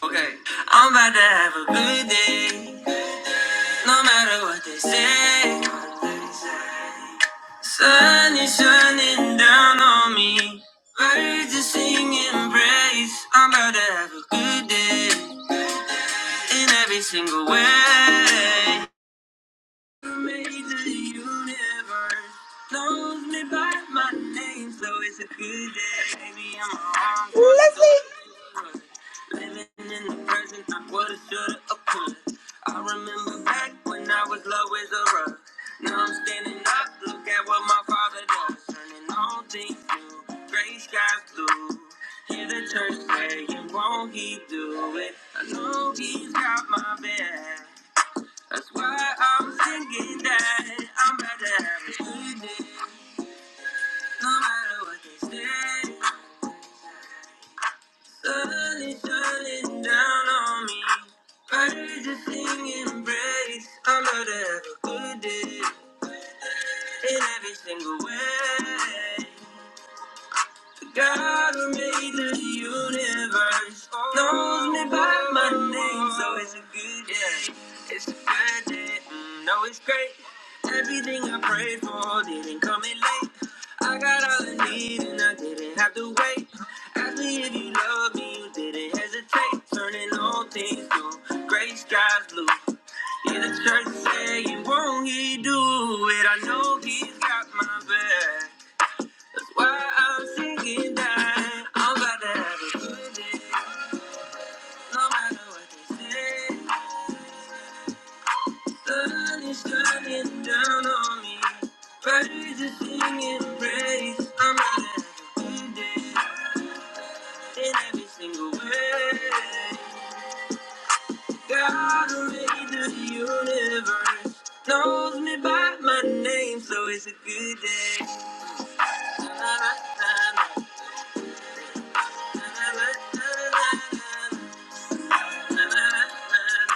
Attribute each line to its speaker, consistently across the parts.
Speaker 1: Okay. I'm about to have a good day. No matter what they say. Sun is shining down on me. Birds are singing praise. I'm about to have a good day. In every single way made the universe knows me by my name, so it's a good day. Maybe I'm wrong, walking through
Speaker 2: Lovely.
Speaker 1: the woods. Living in the present, I would've, should've, I could've. I remember back when I was low as a rug. Now I'm standing up, look at what my father does. Turning all things new, gray skies blue. Hear the church say, and won't he do it? I know he's got my back. That's why I'm thinking that I'm about to have a good day. No matter what they say, sun is shining down on me. Birds are singing praise. I'm about to have a good day in every single way. God who made the universe knows me by my name, so it's a good day. It's a good day. Mm, No, it's great. Everything I prayed for didn't come in late. I got all I need and I didn't have to wait. Ask me if you love me, you didn't hesitate. Turning all things blue, gray skies blue. Yeah, the church saying, won't he do it? I know he's got my back. Why I'm singing that I'm about to have a good day. No matter what they say, the sun is shining down on me. Birds are singing praise. I'm about to have a good day in every single way. God who made the universe knows me by my name, so it's a good day. Na, na, na, na, na, na, na, na, na, na, na, na, na. na.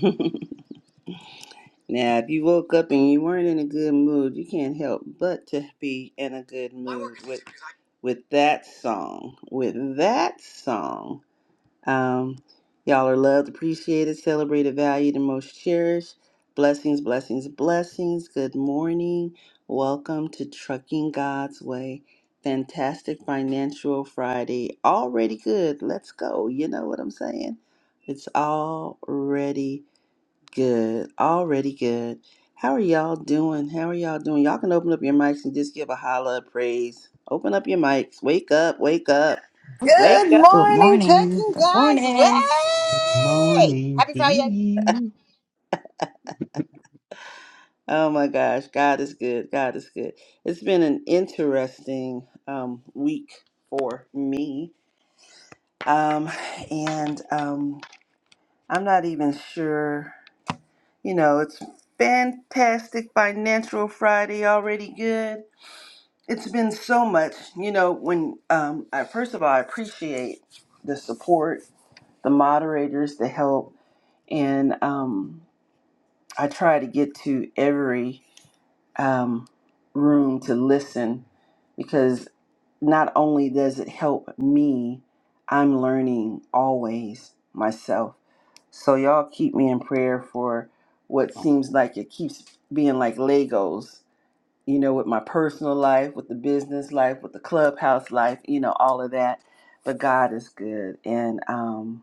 Speaker 1: Now, if you woke up and you weren't in a good mood, you can't help but to be in a good mood with with that song. With that song. Um, y'all are loved, appreciated, celebrated, valued, and most cherished. Blessings, blessings, blessings. Good morning. Welcome to Trucking God's Way. Fantastic Financial Friday. Already good. Let's go. You know what I'm saying? It's already good. Already good. How are y'all doing? How are y'all doing? Y'all can open up your mics and just give a holla, a praise. Open up your mics. Wake up, wake up. Wake
Speaker 2: Good
Speaker 3: Good
Speaker 2: morning,
Speaker 3: morning.
Speaker 2: trucking
Speaker 3: Good
Speaker 2: guys.
Speaker 3: morning.
Speaker 4: Good
Speaker 2: Way.
Speaker 4: morning
Speaker 2: Happy
Speaker 4: to
Speaker 2: Friday.
Speaker 4: you.
Speaker 1: Oh my gosh, God is good. God is good. It's been an interesting um, week for me. Um, and um, I'm not even sure, you know, it's fantastic financial Friday already good. It's been so much, you know, when um, I, first of all, I appreciate the support, the moderators, the help, and um, I try to get to every um, room to listen because not only does it help me, I'm learning always myself. So y'all keep me in prayer for what seems like it keeps being like Legos, you know, with my personal life, with the business life, with the clubhouse life, you know, all of that. But God is good, and um,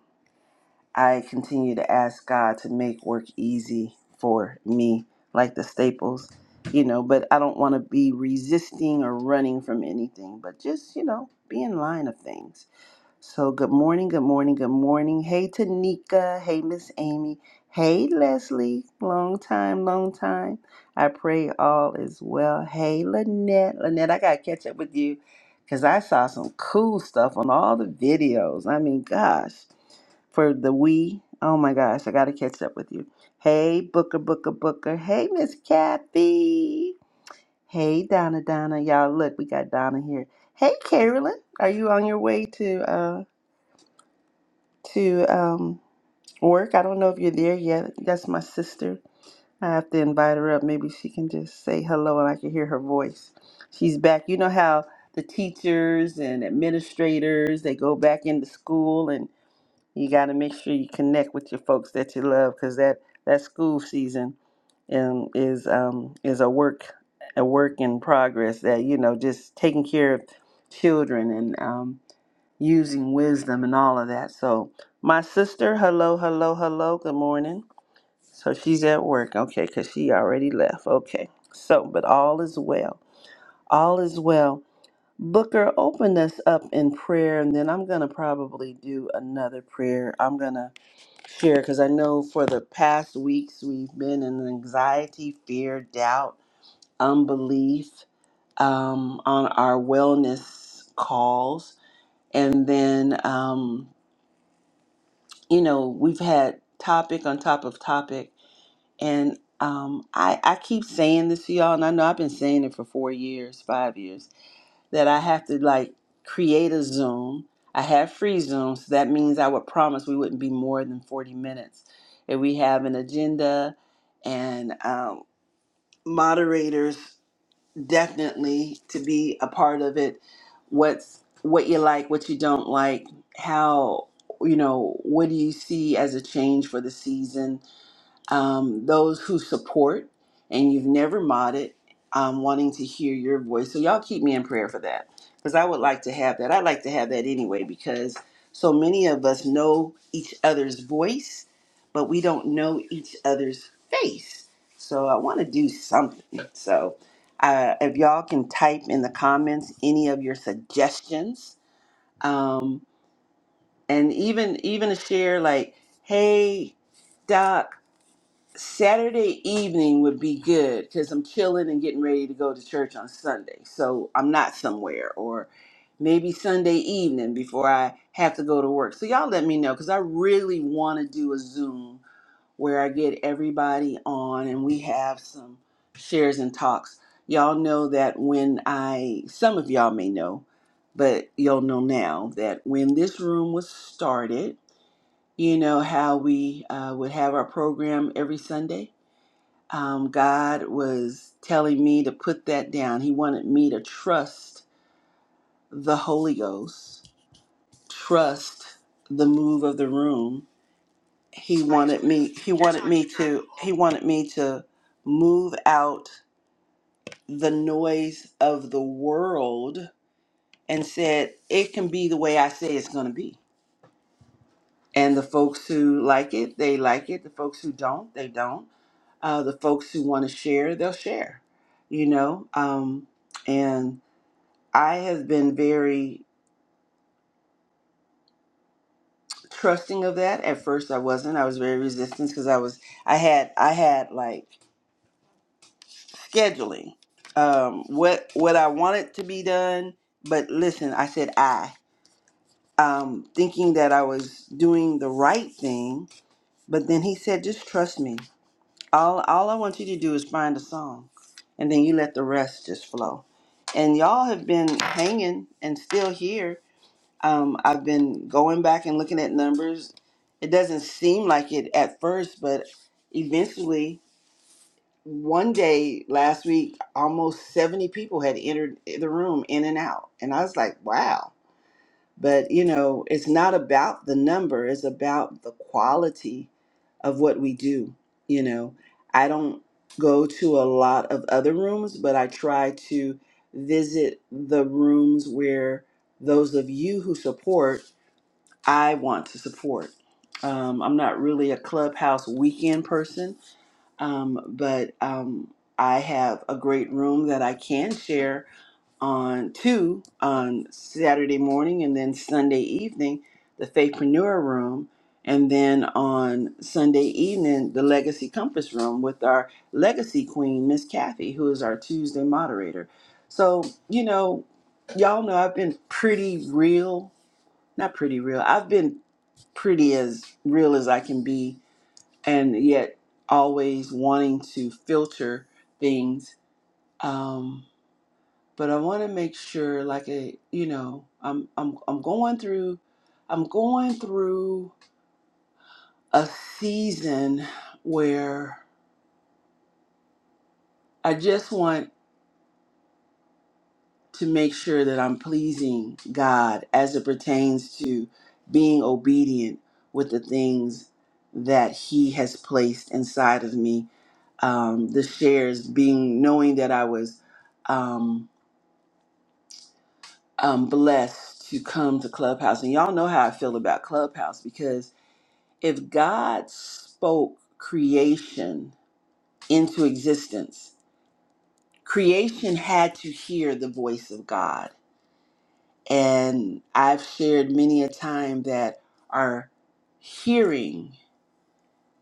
Speaker 1: I continue to ask God to make work easy for me, like the staples, you know, but I don't want to be resisting or running from anything, but just, you know, be in line of things. So, good morning, good morning, good morning. Hey, Tanika. Hey, Miss Amy. Hey, Leslie. Long time, long time. I pray all is well. Hey, Lynette. Lynette, I got to catch up with you because I saw some cool stuff on all the videos. I mean, gosh for the we. Oh my gosh, I got to catch up with you. Hey, Booker, Booker, Booker. Hey, Miss Kathy. Hey, Donna, Donna. Y'all, look, we got Donna here. Hey, Carolyn. Are you on your way to uh to um work? I don't know if you're there yet. That's my sister. I have to invite her up. Maybe she can just say hello and I can hear her voice. She's back. You know how the teachers and administrators they go back into school and you got to make sure you connect with your folks that you love because that that school season um, is um, is a work a work in progress that you know just taking care of children and um, using wisdom and all of that so my sister hello hello hello good morning so she's at work okay because she already left okay so but all is well all is well booker open us up in prayer and then i'm gonna probably do another prayer i'm gonna share because I know for the past weeks we've been in anxiety, fear, doubt, unbelief um, on our wellness calls. And then, um, you know, we've had topic on top of topic. And um, I, I keep saying this to y'all, and I know I've been saying it for four years, five years that I have to like create a Zoom. I have free Zoom, so that means I would promise we wouldn't be more than 40 minutes. And we have an agenda and um, moderators definitely to be a part of it. What's what you like, what you don't like, how you know, what do you see as a change for the season? um, those who support, and you've never modded, um, wanting to hear your voice. So y'all keep me in prayer for that, because I would like to have that. I'd like to have that anyway, because so many of us know each other's voice, but we don't know each other's face. So I want to do something. So uh, if y'all can type in the comments any of your suggestions, um, and even even a share like, hey, Doc. Saturday evening would be good because I'm chilling and getting ready to go to church on Sunday. So I'm not somewhere, or maybe Sunday evening before I have to go to work. So y'all let me know because I really want to do a Zoom where I get everybody on and we have some shares and talks. Y'all know that when I, some of y'all may know, but y'all know now that when this room was started, you know how we uh, would have our program every Sunday? um, God was telling me to put that down. He wanted me to trust the Holy Ghost, trust the move of the room. He wanted me. He wanted me to. He wanted me to move out the noise of the world and said it can be the way I say it's going to be. And the folks who like it, they like it. The folks who don't, they don't. Uh, the folks who want to share, they'll share. You know. Um, and I have been very trusting of that. At first I wasn't. I was very resistant because I was I had I had like scheduling. Um what what I wanted to be done, but listen, I said I um thinking that I was doing the right thing, but then he said just trust me. All all I want you to do is find a song and then you let the rest just flow. And y'all have been hanging and still here Um, I've been going back and looking at numbers. It doesn't seem like it at first, but eventually, one day last week, almost 70 people had entered the room in and out. And I was like, wow. But, you know, it's not about the number, it's about the quality of what we do. You know, I don't go to a lot of other rooms, but I try to visit the rooms where those of you who support I want to support. Um, I'm not really a clubhouse weekend person, um, but um, I have a great room that I can share on two on Saturday morning and then Sunday evening, the Faithpreneur room, and then on Sunday evening, the Legacy Compass room with our Legacy Queen, Miss Kathy, who is our Tuesday moderator. So, you know, y'all know I've been pretty real not pretty real. I've been pretty as real as I can be, and yet always wanting to filter things. Um, but I want to make sure, like a you know, I'm I'm I'm going through, I'm going through a season where I just want to make sure that I'm pleasing God as it pertains to being obedient with the things that He has placed inside of me. Um, the shares being knowing that I was um, um, blessed to come to Clubhouse. And y'all know how I feel about Clubhouse because if God spoke creation into existence, creation had to hear the voice of God And I've shared many a time that our hearing,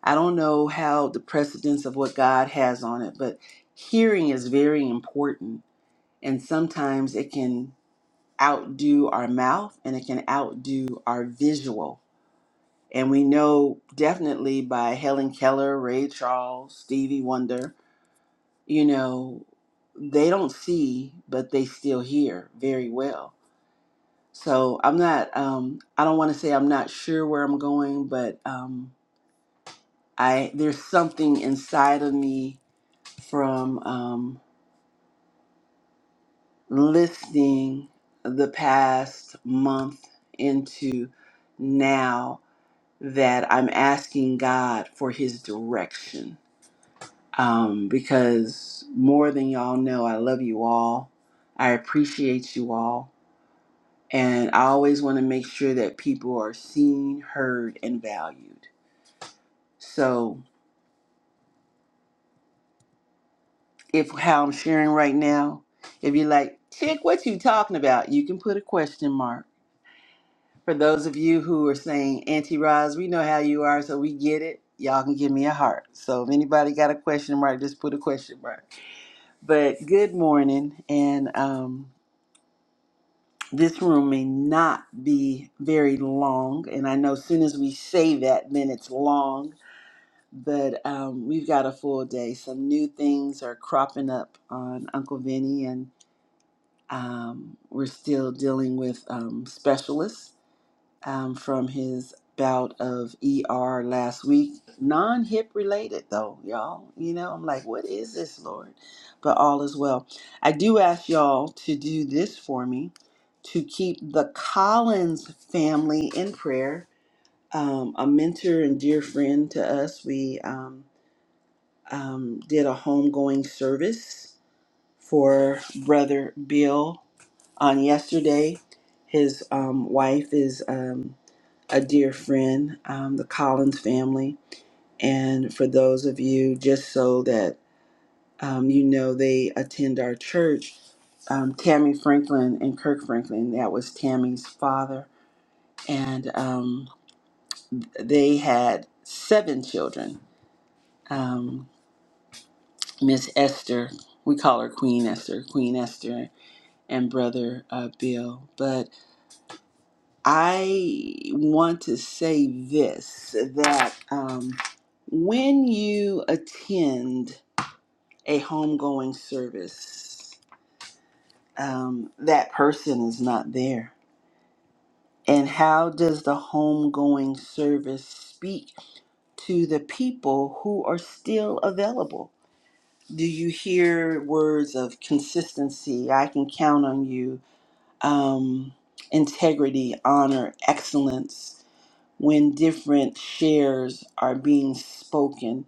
Speaker 1: I don't know how the precedence of what God has on it, but hearing is very important. And sometimes it can outdo our mouth and it can outdo our visual. And we know definitely by Helen Keller, Ray Charles, Stevie Wonder, you know, they don't see, but they still hear very well. So I'm not. Um, I don't want to say I'm not sure where I'm going, but um, I there's something inside of me from um, listening the past month into now that I'm asking God for His direction. Um, because more than y'all know, I love you all. I appreciate you all. And I always want to make sure that people are seen, heard, and valued. So if how I'm sharing right now, if you're like, chick, what you talking about? You can put a question mark. For those of you who are saying, Auntie Roz, we know how you are, so we get it. Y'all can give me a heart. So if anybody got a question mark, just put a question mark. But good morning, and um, this room may not be very long. And I know as soon as we say that, then it's long but um, we've got a full day. Some new things are cropping up on Uncle Vinny, and Um, we're still dealing with um, specialists um, from his bout of ER last week. Non hip related, though, y'all. You know, I'm like, what is this, Lord? But all is well. I do ask y'all to do this for me to keep the Collins family in prayer. Um, a mentor and dear friend to us, we um, um, did a homegoing service for Brother Bill on yesterday. His um, wife is um, a dear friend, um, the Collins family. And for those of you, just so that um, you know, they attend our church, um, Tammy Franklin and Kirk Franklin, that was Tammy's father. And um, they had seven children. Um, Miss Esther, we call her Queen Esther, Queen Esther, and brother uh, Bill. But I want to say this that um, when you attend a homegoing service, um, that person is not there. And how does the homegoing service speak to the people who are still available? Do you hear words of consistency? I can count on you, um, integrity, honor, excellence when different shares are being spoken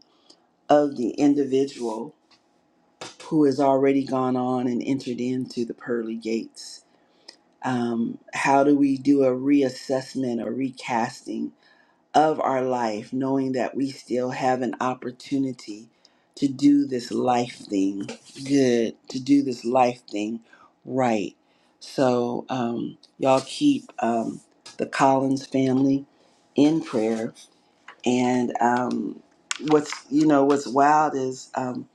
Speaker 1: of the individual who has already gone on and entered into the pearly gates. Um, how do we do a reassessment or recasting of our life, knowing that we still have an opportunity to do this life thing good, to do this life thing right? So, um, y'all keep um, the Collins family in prayer and um, what's you know what's wild is um,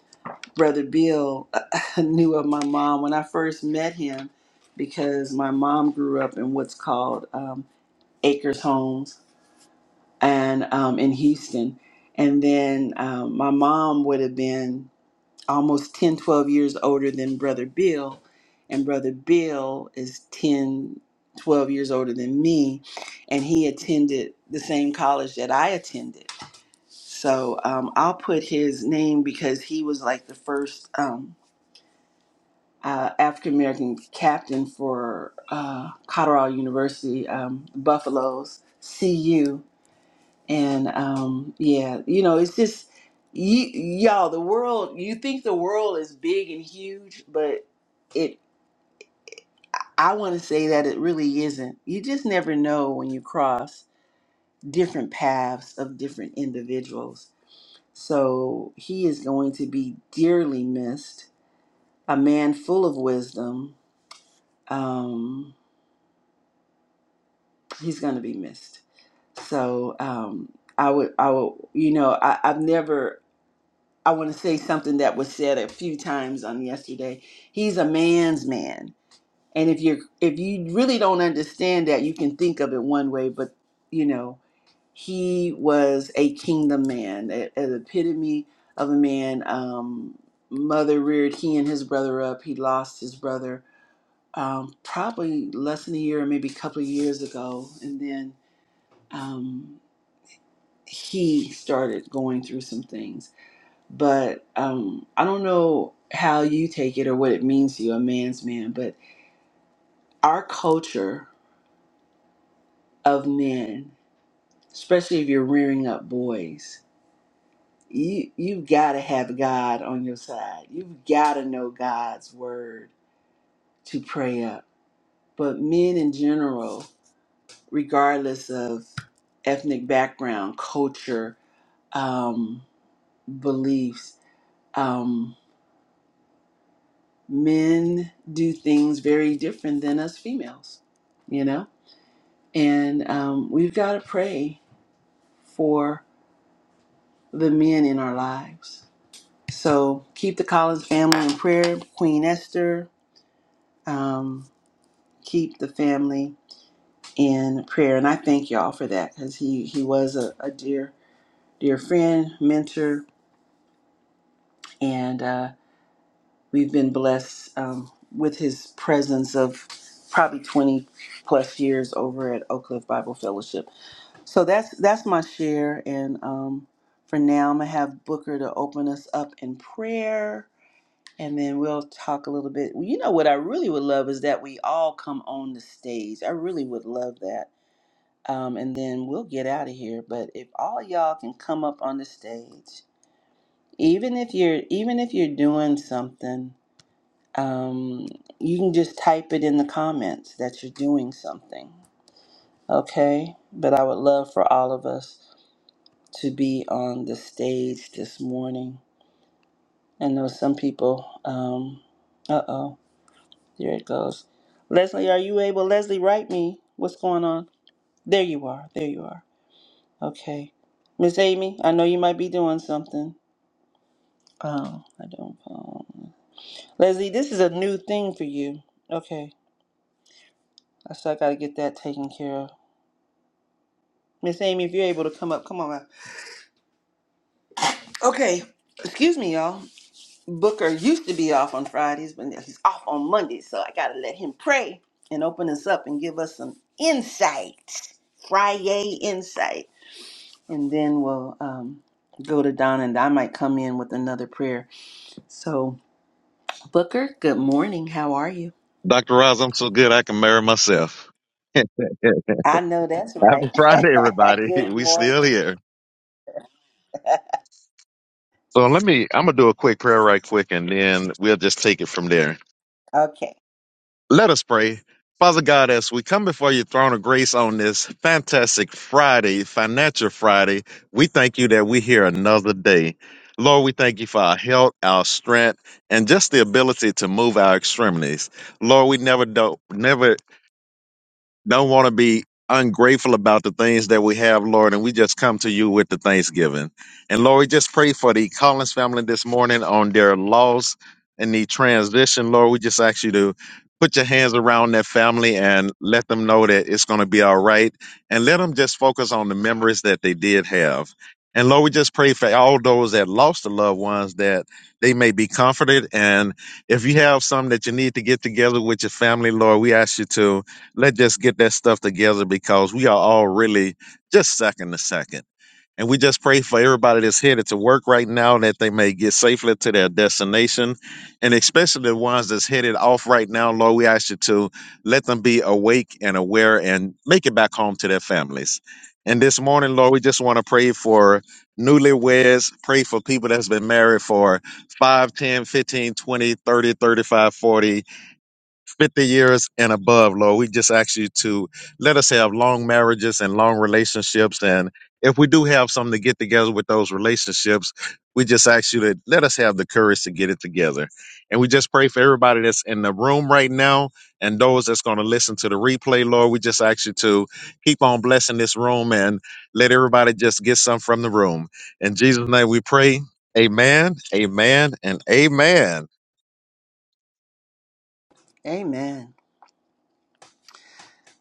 Speaker 1: Brother Bill knew of my mom when I first met him because my mom grew up in what's called um, Acres Homes and um, in Houston, and then um, my mom would have been almost 10, 12 years older than Brother Bill, and Brother Bill is 10, 12 years older than me, and he attended the same college that I attended so um, I'll put his name because he was like the first um, uh, African American captain for uh, Colorado University, um, Buffaloes, CU. And um, yeah, you know, it's just, y- y'all, the world, you think the world is big and huge, but it, I want to say that it really isn't. You just never know when you cross different paths of different individuals So he is going to be dearly missed. A man full of wisdom. Um, he's going to be missed. So um, I would, I would, you know, I, I've never. I want to say something that was said a few times on yesterday. He's a man's man, and if you're, if you really don't understand that, you can think of it one way, but you know. he was a kingdom man, a- an epitome of a man. Um, mother reared he and his brother up. He lost his brother um, probably less than a year, maybe a couple of years ago, and then um, he started going through some things. But um, I don't know how you take it or what it means to you, a man's man. But our culture of men, especially if you're rearing up boys. you you've got to have God on your side. You've got to know God's word to pray up. But men in general, regardless of ethnic background, culture, um, beliefs, um, men do things very different than us females. You know, and um, we've got to pray for the men in our lives. So keep the Collins family in prayer. Queen Esther. Um, keep the family in prayer. And I thank y'all for that because he, he was a, a dear, dear friend, mentor, and uh, we've been blessed um, with his presence of probably 20 plus years over at Oak Cliff Bible Fellowship. So that's that's my share. And um, for now, I'm going to have Booker to open us up in prayer. And then we'll talk a little bit. Well, you know what I really would love is that we all come on the stage. I really would love that um, and then we'll get out of here. But if all y'all can come up on the stage, even if you're even if you're doing something, um, you can just type it in the comments that you're doing something. Okay, but I would love for all of us to be on the stage this morning. I know some people. Um, uh oh, there it goes. Leslie, are you able? Leslie, write me. What's going on? There you are. There you are. Okay. Miss Amy, I know you might be doing something. Oh, I don't. Um, Leslie, this is a new thing for you. Okay. I still got to get that taken care of. Miss Amy, if you're able to come up, come on up. Okay. Excuse me, y'all. Booker used to be off on Fridays, but now he's off on Mondays, so I got to let him pray and open us up and give us some insight. Friday insight. And then we'll um, go to Donna, and I might come in with another prayer. So. Booker, good morning. How are you?
Speaker 5: Dr. Roz, I'm so good I can marry myself. Happy
Speaker 1: I know that's right.
Speaker 5: Friday, everybody.
Speaker 1: Good
Speaker 5: We
Speaker 1: morning.
Speaker 5: still here. So let me, I'm going to do a quick prayer right quick and then we'll just take it from there.
Speaker 1: Okay.
Speaker 5: Let us pray. Father God, as we come before your throne of grace on this fantastic Friday, financial Friday, we thank you that we're here another day. Lord, we thank you for our health, our strength, and just the ability to move our extremities. Lord, we never do, never don't want to be ungrateful about the things that we have, Lord, and we just come to you with the thanksgiving. And Lord, we just pray for the Collins family this morning on their loss and the transition. Lord, we just ask you to put your hands around that family and let them know that it's going to be all right. And let them just focus on the memories that they did have. And Lord, we just pray for all those that lost the loved ones that they may be comforted. And if you have some that you need to get together with your family, Lord, we ask you to let's just get that stuff together because we are all really just second to second. And we just pray for everybody that's headed to work right now that they may get safely to their destination. And especially the ones that's headed off right now, Lord, we ask you to let them be awake and aware and make it back home to their families. And this morning, Lord, we just want to pray for newlyweds, pray for people that's been married for 5, 10, 15, 20, 30, 35, 40. 50 years and above, Lord. We just ask you to let us have long marriages and long relationships. And if we do have something to get together with those relationships, we just ask you to let us have the courage to get it together. And we just pray for everybody that's in the room right now and those that's going to listen to the replay, Lord. We just ask you to keep on blessing this room and let everybody just get some from the room. In Jesus' name we pray. Amen, amen, and amen.
Speaker 1: Amen.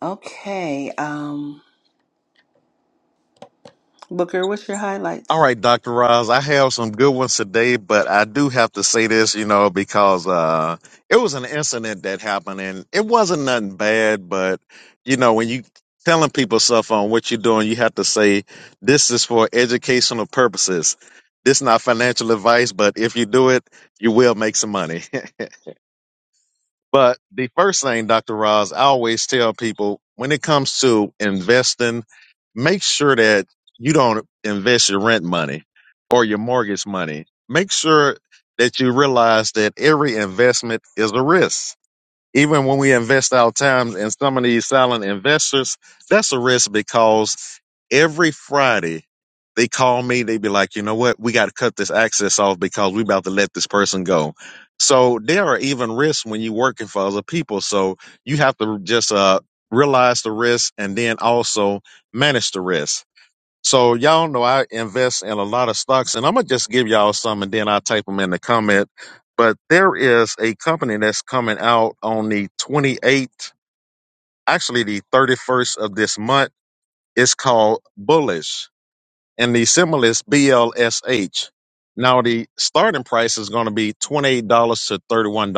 Speaker 1: Okay, um, Booker, what's your
Speaker 5: All
Speaker 1: highlights?
Speaker 5: right, Dr. Roz, I have some good ones today, but I do have to say this, you know, because uh it was an incident that happened and it wasn't nothing bad, but you know, when you telling people stuff on what you're doing, you have to say this is for educational purposes. This not financial advice, but if you do it, you will make some money. But the first thing, Dr. Roz, I always tell people when it comes to investing, make sure that you don't invest your rent money or your mortgage money. Make sure that you realize that every investment is a risk even when we invest our time in some of these silent investors, that's a risk because every Friday they call me, they be like, you know what, we got to cut this access off because we about to let this person go. So there are even risks when you're working for other people. So you have to just uh, realize the risk and then also manage the risk so y'all know I invest in a lot of stocks, and I'm gonna just give y'all some, and then I'll type them in the comment. But there is a company that's coming out on the 28th, actually the 31st of this month. It's called Bullish and the symbol is BLSH. Now the starting price is going to be $28 to $31.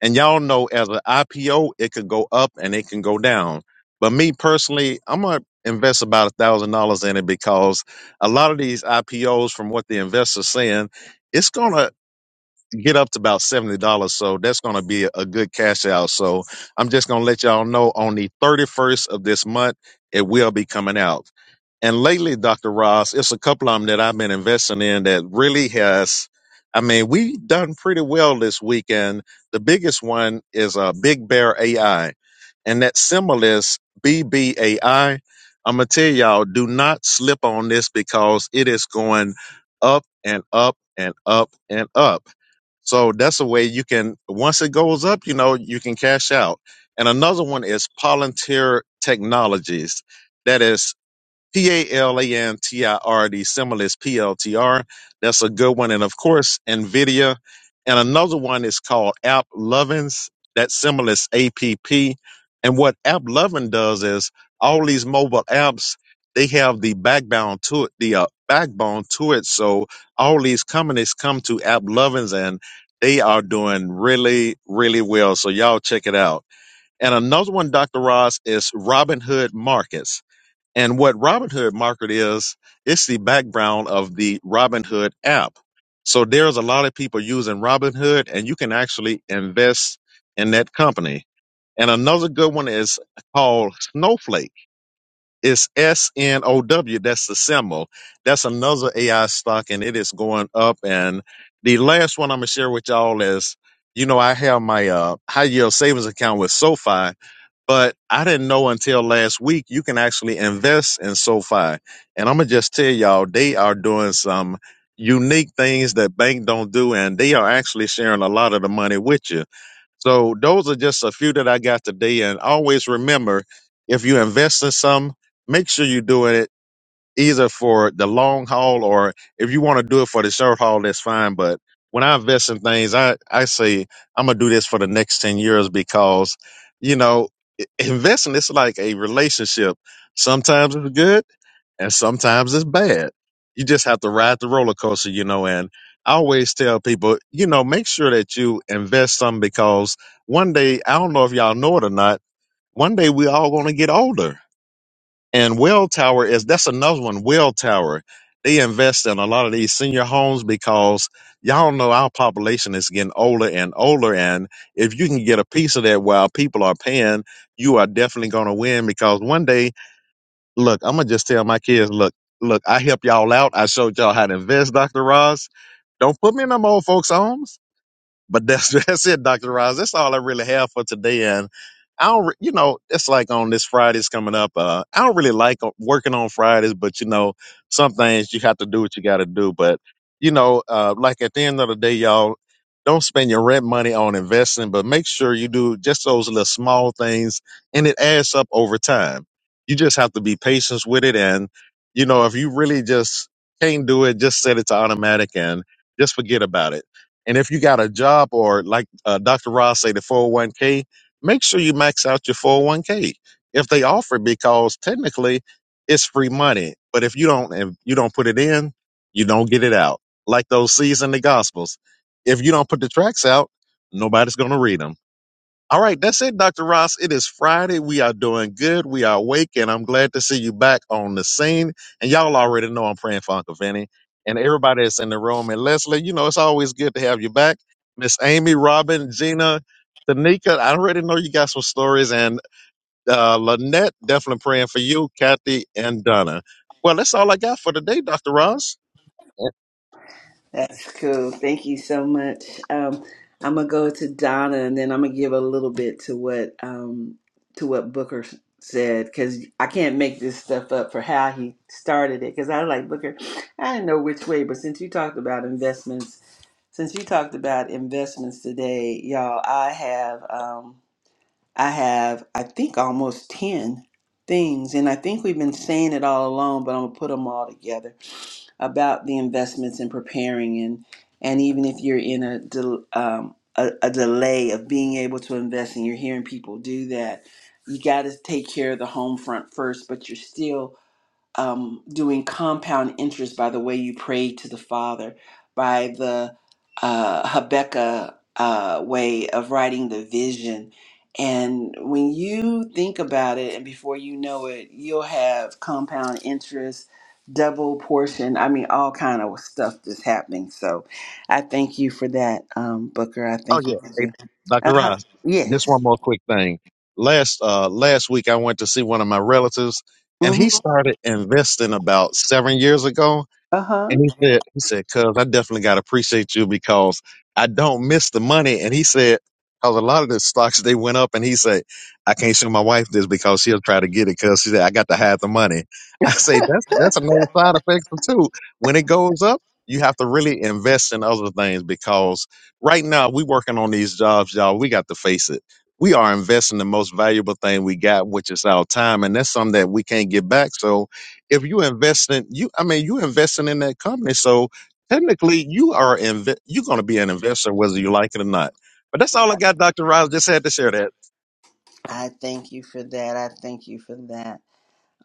Speaker 5: And y'all know as an IPO, it could go up and it can go down. But me personally, I'm going to invest about $1,000 in it because a lot of these IPOs, from what the investors saying, it's going to get up to about seventy dollars. So that's gonna be a good cash out. So I'm just gonna let y'all know on the thirty first of this month it will be coming out. And lately, Dr. Ross, it's a couple of them that I've been investing in that really has. I mean, we done pretty well this weekend. The biggest one is uh, Big Bear AI, and that symbol is BBAI. I'm gonna tell y'all, do not slip on this because it is going up and up and up and up so that's a way you can, once it goes up, you know, you can cash out. And another one is Palantir Technologies. That is P A L A N T I R D, symbol is PLTR. That's a good one. And of course, NVIDIA. And another one is called App Lovins. That symbol is APP. And what App Lovin does is all these mobile apps, they have the backbone to it, the uh, backbone to it. So all these companies come to App Lovins and they are doing really, really well. So y'all check it out. And another one, Dr. Ross, is Robinhood Markets. And what Robinhood Market is, it's the background of the Robinhood app. So there's a lot of people using Robinhood, and you can actually invest in that company. And another good one is called Snowflake. It's S N O W. That's the symbol. That's another AI stock, and it is going up. And the last one I'm gonna share with y'all is, you know, I have my uh, high yield savings account with SoFi, but I didn't know until last week you can actually invest in SoFi. And I'm gonna just tell y'all they are doing some unique things that bank don't do, and they are actually sharing a lot of the money with you. So those are just a few that I got today. And always remember, if you invest in some, make sure you are doing it either for the long haul or if you want to do it for the short haul, that's fine. But when I invest in things, I, I say I'm gonna do this for the next 10 years because, you know, i- investing is like a relationship. Sometimes it's good and sometimes it's bad. You just have to ride the roller coaster, you know, and I always tell people, you know, make sure that you invest some because one day, I don't know if y'all know it or not, one day we all gonna get older and Welltower is that's another one. Welltower, they invest in a lot of these senior homes because y'all know our population is getting older and older. And if you can get a piece of that while people are paying, you are definitely going to win because one day, look, I'm gonna just tell my kids, look, look, I helped y'all out. I showed y'all how to invest, Doctor Ross. Don't put me in them old folks' homes but that's that's it, Doctor Roz. That's all I really have for today. And I don't, re- you know, it's like on this Friday's coming up. Uh, I don't really like uh, working on Fridays, but you know, some things you have to do what you got to do. But you know, uh, like at the end of the day, y'all don't spend your rent money on investing, but make sure you do just those little small things, and it adds up over time. You just have to be patient with it, and you know, if you really just can't do it, just set it to automatic and just forget about it and if you got a job or like uh, Dr. Ross say, the 401k, make sure you max out your 401k if they offer it because technically it's free money. But if you don't, if you don't put it in, you don't get it out. Like those seeds in the gospels. If you don't put the tracks out, nobody's going to read them. All right, that's it, Dr. Ross. It is Friday. We are doing good. We are awake, and I'm glad to see you back on the scene. And y'all already know I'm praying for Uncle Vinny and everybody that's in the room. And Leslie, you know, it's always good to have you back. Miss Amy, Robin, Gina, Tanika, I already know you got some stories. And uh, Lynette, definitely praying for you, Kathy, and Donna. Well, that's all I got for today, Dr. Ross.
Speaker 1: That's cool. Thank you so much. Um, I'm gonna go to Donna, and then I'm gonna give a little bit to what um, to what Booker said because I can't make this stuff up for how he started it. Because I was like Booker, I didn't know which way, but since you talked about investments Since you talked about investments today, y'all, I have um I have I think almost 10 things and I think we've been saying it all along, but I'm going to put them all together about the investments and preparing and and even if you're in a del- um a, a delay of being able to invest and you're hearing people do that, you got to take care of the home front first, but you're still um, doing compound interest by the way you pray to the Father, by the uh, Habakkuk uh, way of writing the vision. And when you think about it, and before you know it, you'll have compound interest, double portion. I mean, all kind of stuff that's happening. So, I thank you for that, um, Booker. I
Speaker 5: Oh
Speaker 1: thank you
Speaker 5: yeah,
Speaker 1: Thank
Speaker 5: hey,
Speaker 1: you.
Speaker 5: Dr.
Speaker 1: Uh huh.
Speaker 5: Ross. Just
Speaker 1: Yes.
Speaker 5: one more quick thing. Last uh last week I went to see one of my relatives and
Speaker 1: hmm
Speaker 5: he started investing about 7 years ago
Speaker 1: Uh huh.
Speaker 5: and he said, he said, cuz I definitely gotta appreciate you because I don't miss the money. And he said, cause a lot of the stocks they went up and he said, I can't show my wife this because she'll try to get it because she said, I got to hide the money. I say that's that's another side effect too. When it goes up, you have to really invest in other things because right now we working on these jobs, y'all. We got to face it. We are investing the most valuable thing we got, which is our time, and that's something that we can't get back. So if you investing, you I mean you investing in that company, so technically you are inve- you're going to be an investor whether you like it or not. But that's all I got, Doctor Riles. Just had to share that.
Speaker 1: I thank you for that. I thank you for that.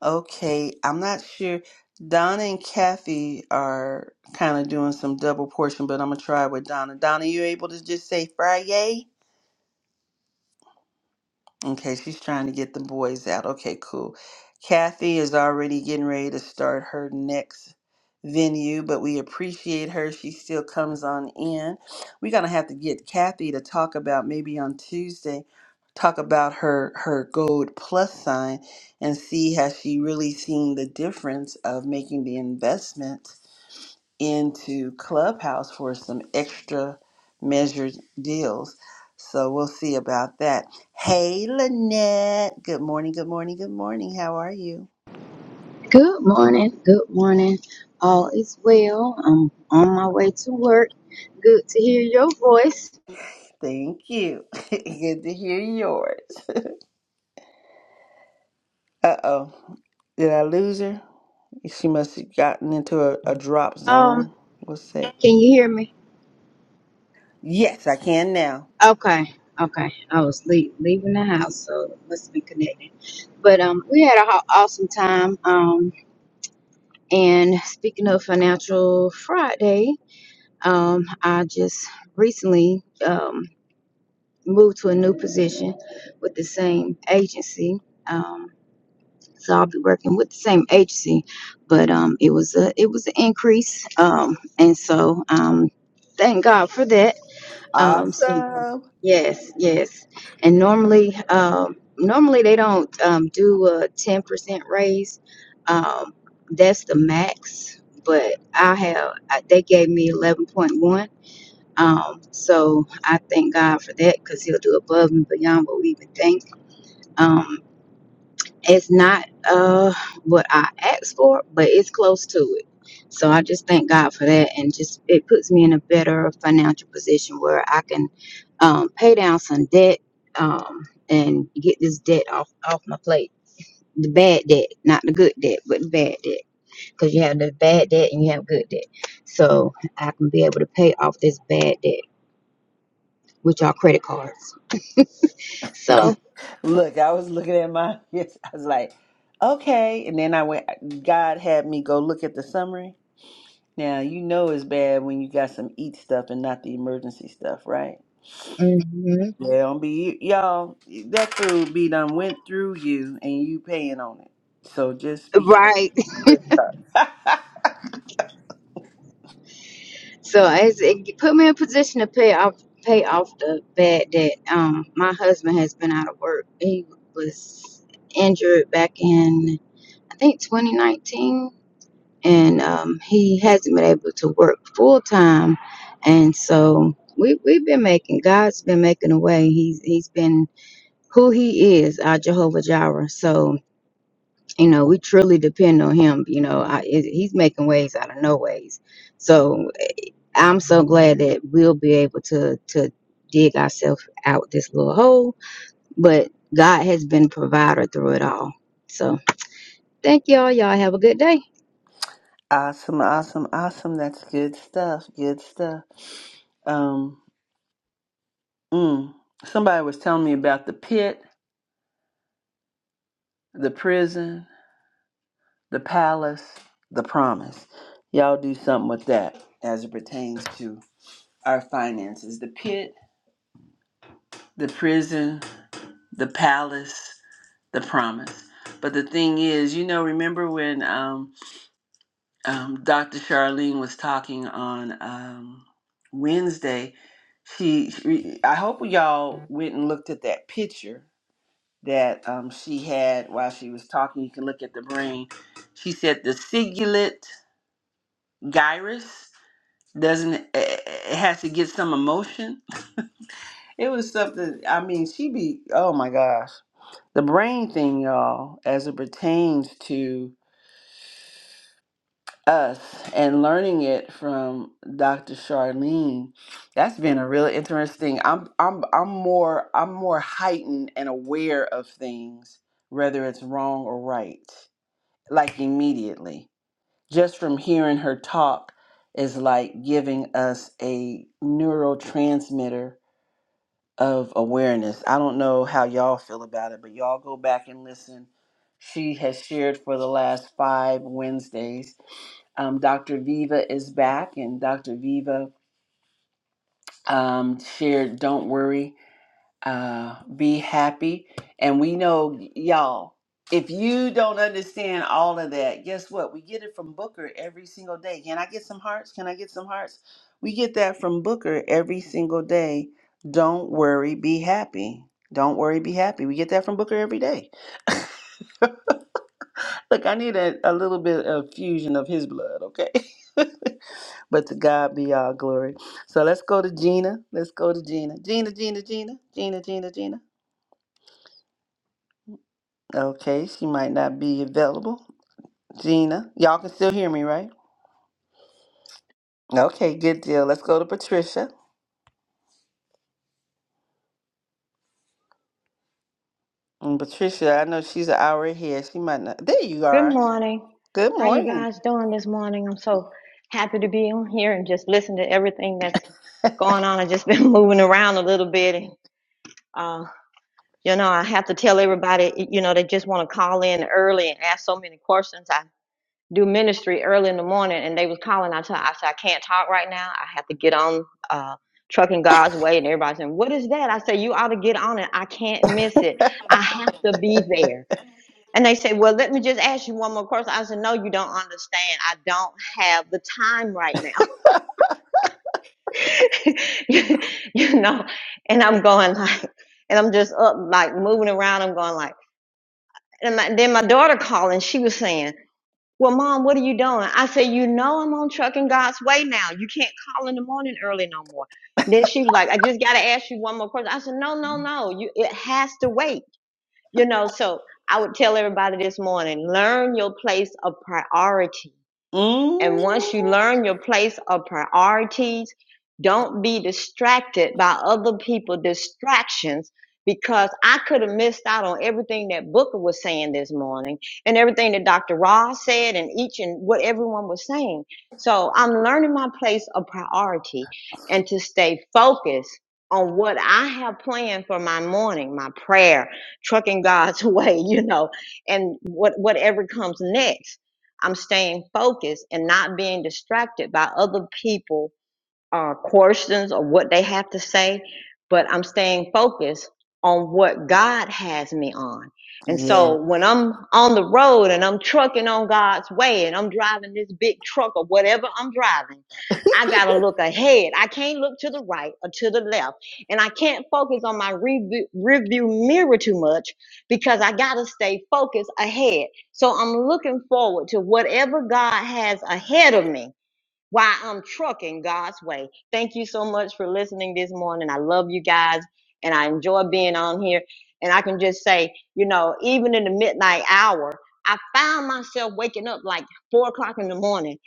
Speaker 1: Okay, I'm not sure. Donna and Kathy are kind of doing some double portion, but I'm gonna try with Donna. Donna, you able to just say Friday? Okay, she's trying to get the boys out. Okay, cool. Kathy is already getting ready to start her next venue, but we appreciate her. She still comes on in. We're gonna have to get Kathy to talk about maybe on Tuesday, talk about her her gold plus sign and see has she really seen the difference of making the investment into Clubhouse for some extra measured deals. So we'll see about that. Hey, Lynette. Good morning, good morning, good morning. How are you?
Speaker 3: Good morning. Good morning. All is well. I'm on my way to work. Good to hear your voice.
Speaker 1: Thank you. good to hear yours. Uh oh. Did I lose her? She must have gotten into a, a drop
Speaker 3: Um,
Speaker 1: zone. What's that?
Speaker 3: can you hear me?
Speaker 1: Yes, I can now.
Speaker 3: Okay. Okay. I was le- leaving the house, so it must be connected. But um, we had an awesome time. Um, and speaking of Financial Friday, um, I just recently um moved to a new position with the same agency. Um. So I'll be working with the same agency, but um, it was a it was an increase, um, and so um, thank God for that. Um, so
Speaker 1: Awesome.
Speaker 3: yes, yes, and normally um, normally they don't um, do a ten percent raise. Um, that's the max, but I have I, they gave me eleven point one. Um, so I thank God for that because He'll do above and beyond what we even think. um. It's not uh what I asked for, but it's close to it. So I just thank God for that, and just it puts me in a better financial position where I can um, pay down some debt um, and get this debt off off my plate. The bad debt, not the good debt, but the bad debt. Because you have the bad debt and you have good debt. So I can be able to pay off this bad debt, which are credit cards. So,
Speaker 1: Look, I was looking at my, yes, I was like, okay. And then I went, God had me go look at the summary. Now you know it's bad when you got some eat stuff and not the emergency stuff, right?
Speaker 3: mhm.
Speaker 1: Yeah, don't be y'all. That food be done went through you, and you paying on it. So just be careful.
Speaker 3: right. So it's, it put me in a position to pay off pay off the bad debt. Um, my husband has been out of work. He was injured back in I think 2019, and um, he hasn't been able to work full time. And so we we've been making God's been making a way. He's he's been who he is, our Jehovah Jireh. So you know we truly depend on him. You know, I, it, he's making ways out of no ways. So I'm so glad that we'll be able to to dig ourselves out this little hole. But God has been provider through it all. So thank y'all. Y'all have a good day.
Speaker 1: awesome, awesome, awesome. That's good stuff. Good stuff. Um, mm, somebody was telling me about the pit, the prison, the palace, the promise. Y'all do something with that as it pertains to our finances. The pit, the prison, the palace, the promise. But the thing is, you know, remember when um, um, Dr. Charlene was talking on um, Wednesday? She, she- I hope y'all went and looked at that picture that um, she had while she was talking. You can look at the brain. She said the cingulate gyrus doesn't it it has to get some emotion. It was something. I mean, she be. Oh my gosh. the brain thing, y'all, as it pertains to us and learning it from Dr. Charlene, that's been a really interesting. I'm I'm I'm more I'm more heightened and aware of things, whether it's wrong or right, like immediately. Just from hearing her talk is like giving us a neurotransmitter of awareness. I don't know how y'all feel about it, but y'all go back and listen. She has shared for the last five Wednesdays. Um, Dr. Viva is back, and Dr. Viva um, shared Don't Worry uh, be happy. And we know, y'all, if you don't understand all of that, guess what? We get it from Booker every single day. Can I get some hearts? Can I get some hearts? We get that from Booker every single day. Don't worry, be happy. Don't worry, be happy. We get that from Booker every day. Look, I need a, a little bit of fusion of his blood, okay? but to God be all glory. So let's go to Gina. Let's go to Gina. Gina, Gina, Gina, Gina, Gina, Gina. Okay, she might not be available. Gina, y'all can still hear me, right? Okay, good deal. Let's go to Patricia. And Patricia, I know she's an hour ahead. She might not. There you
Speaker 6: Good
Speaker 1: are.
Speaker 6: morning.
Speaker 1: Good
Speaker 6: How you
Speaker 1: morning.
Speaker 6: guys doing this morning? I'm so happy to be on here and just listen to everything that's going on. I've just been moving around a little bit. And, uh, you know, I have to tell everybody, you know, they just want to call in early and ask so many questions. I do ministry early in the morning and they was calling. I, tell, I said, I can't talk right now. I have to get on uh, Trucking God's Way. And everybody's saying, what is that? I said, you ought to get on it. I can't miss it. I have to be there. And they say, Well, let me just ask you one more question. I said, No, you don't understand. I don't have the time right now. you, you know, and I'm going like, and I'm just up, like moving around. I'm going like, and my, then my daughter called and she was saying, Well, mom, what are you doing? I said, You know, I'm on trucking God's way now. You can't call in the morning early no more. Then she was like, I just got to ask you one more question. I said, No, no, no. You, it has to wait. You know, so I would tell everybody this morning learn your place of priority. And once you
Speaker 1: Mm.
Speaker 6: learn your place of priorities, don't be distracted by other people's distractions because I could have missed out on everything that Booker was saying this morning and everything that Dr. Ross said and each and what everyone was saying. So I'm learning my place of priority and to stay focused on what I have planned for my morning, my prayer, trucking God's way, you know, and what whatever comes next I'm staying focused and not being distracted by other people uh, questions or what they have to say, but I'm staying focused on what God has me on. And
Speaker 1: Yeah.
Speaker 6: so when I'm on the road and I'm trucking on God's way and I'm driving this big truck or whatever I'm driving, I got to look ahead. I can't look to the right or to the left. And I can't focus on my review, review mirror too much because I got to stay focused ahead. So I'm looking forward to whatever God has ahead of me why I'm trucking God's way. Thank you so much for listening this morning. I love you guys and I enjoy being on here. And I can just say, you know, even in the midnight hour, I found myself waking up like four o'clock in the morning.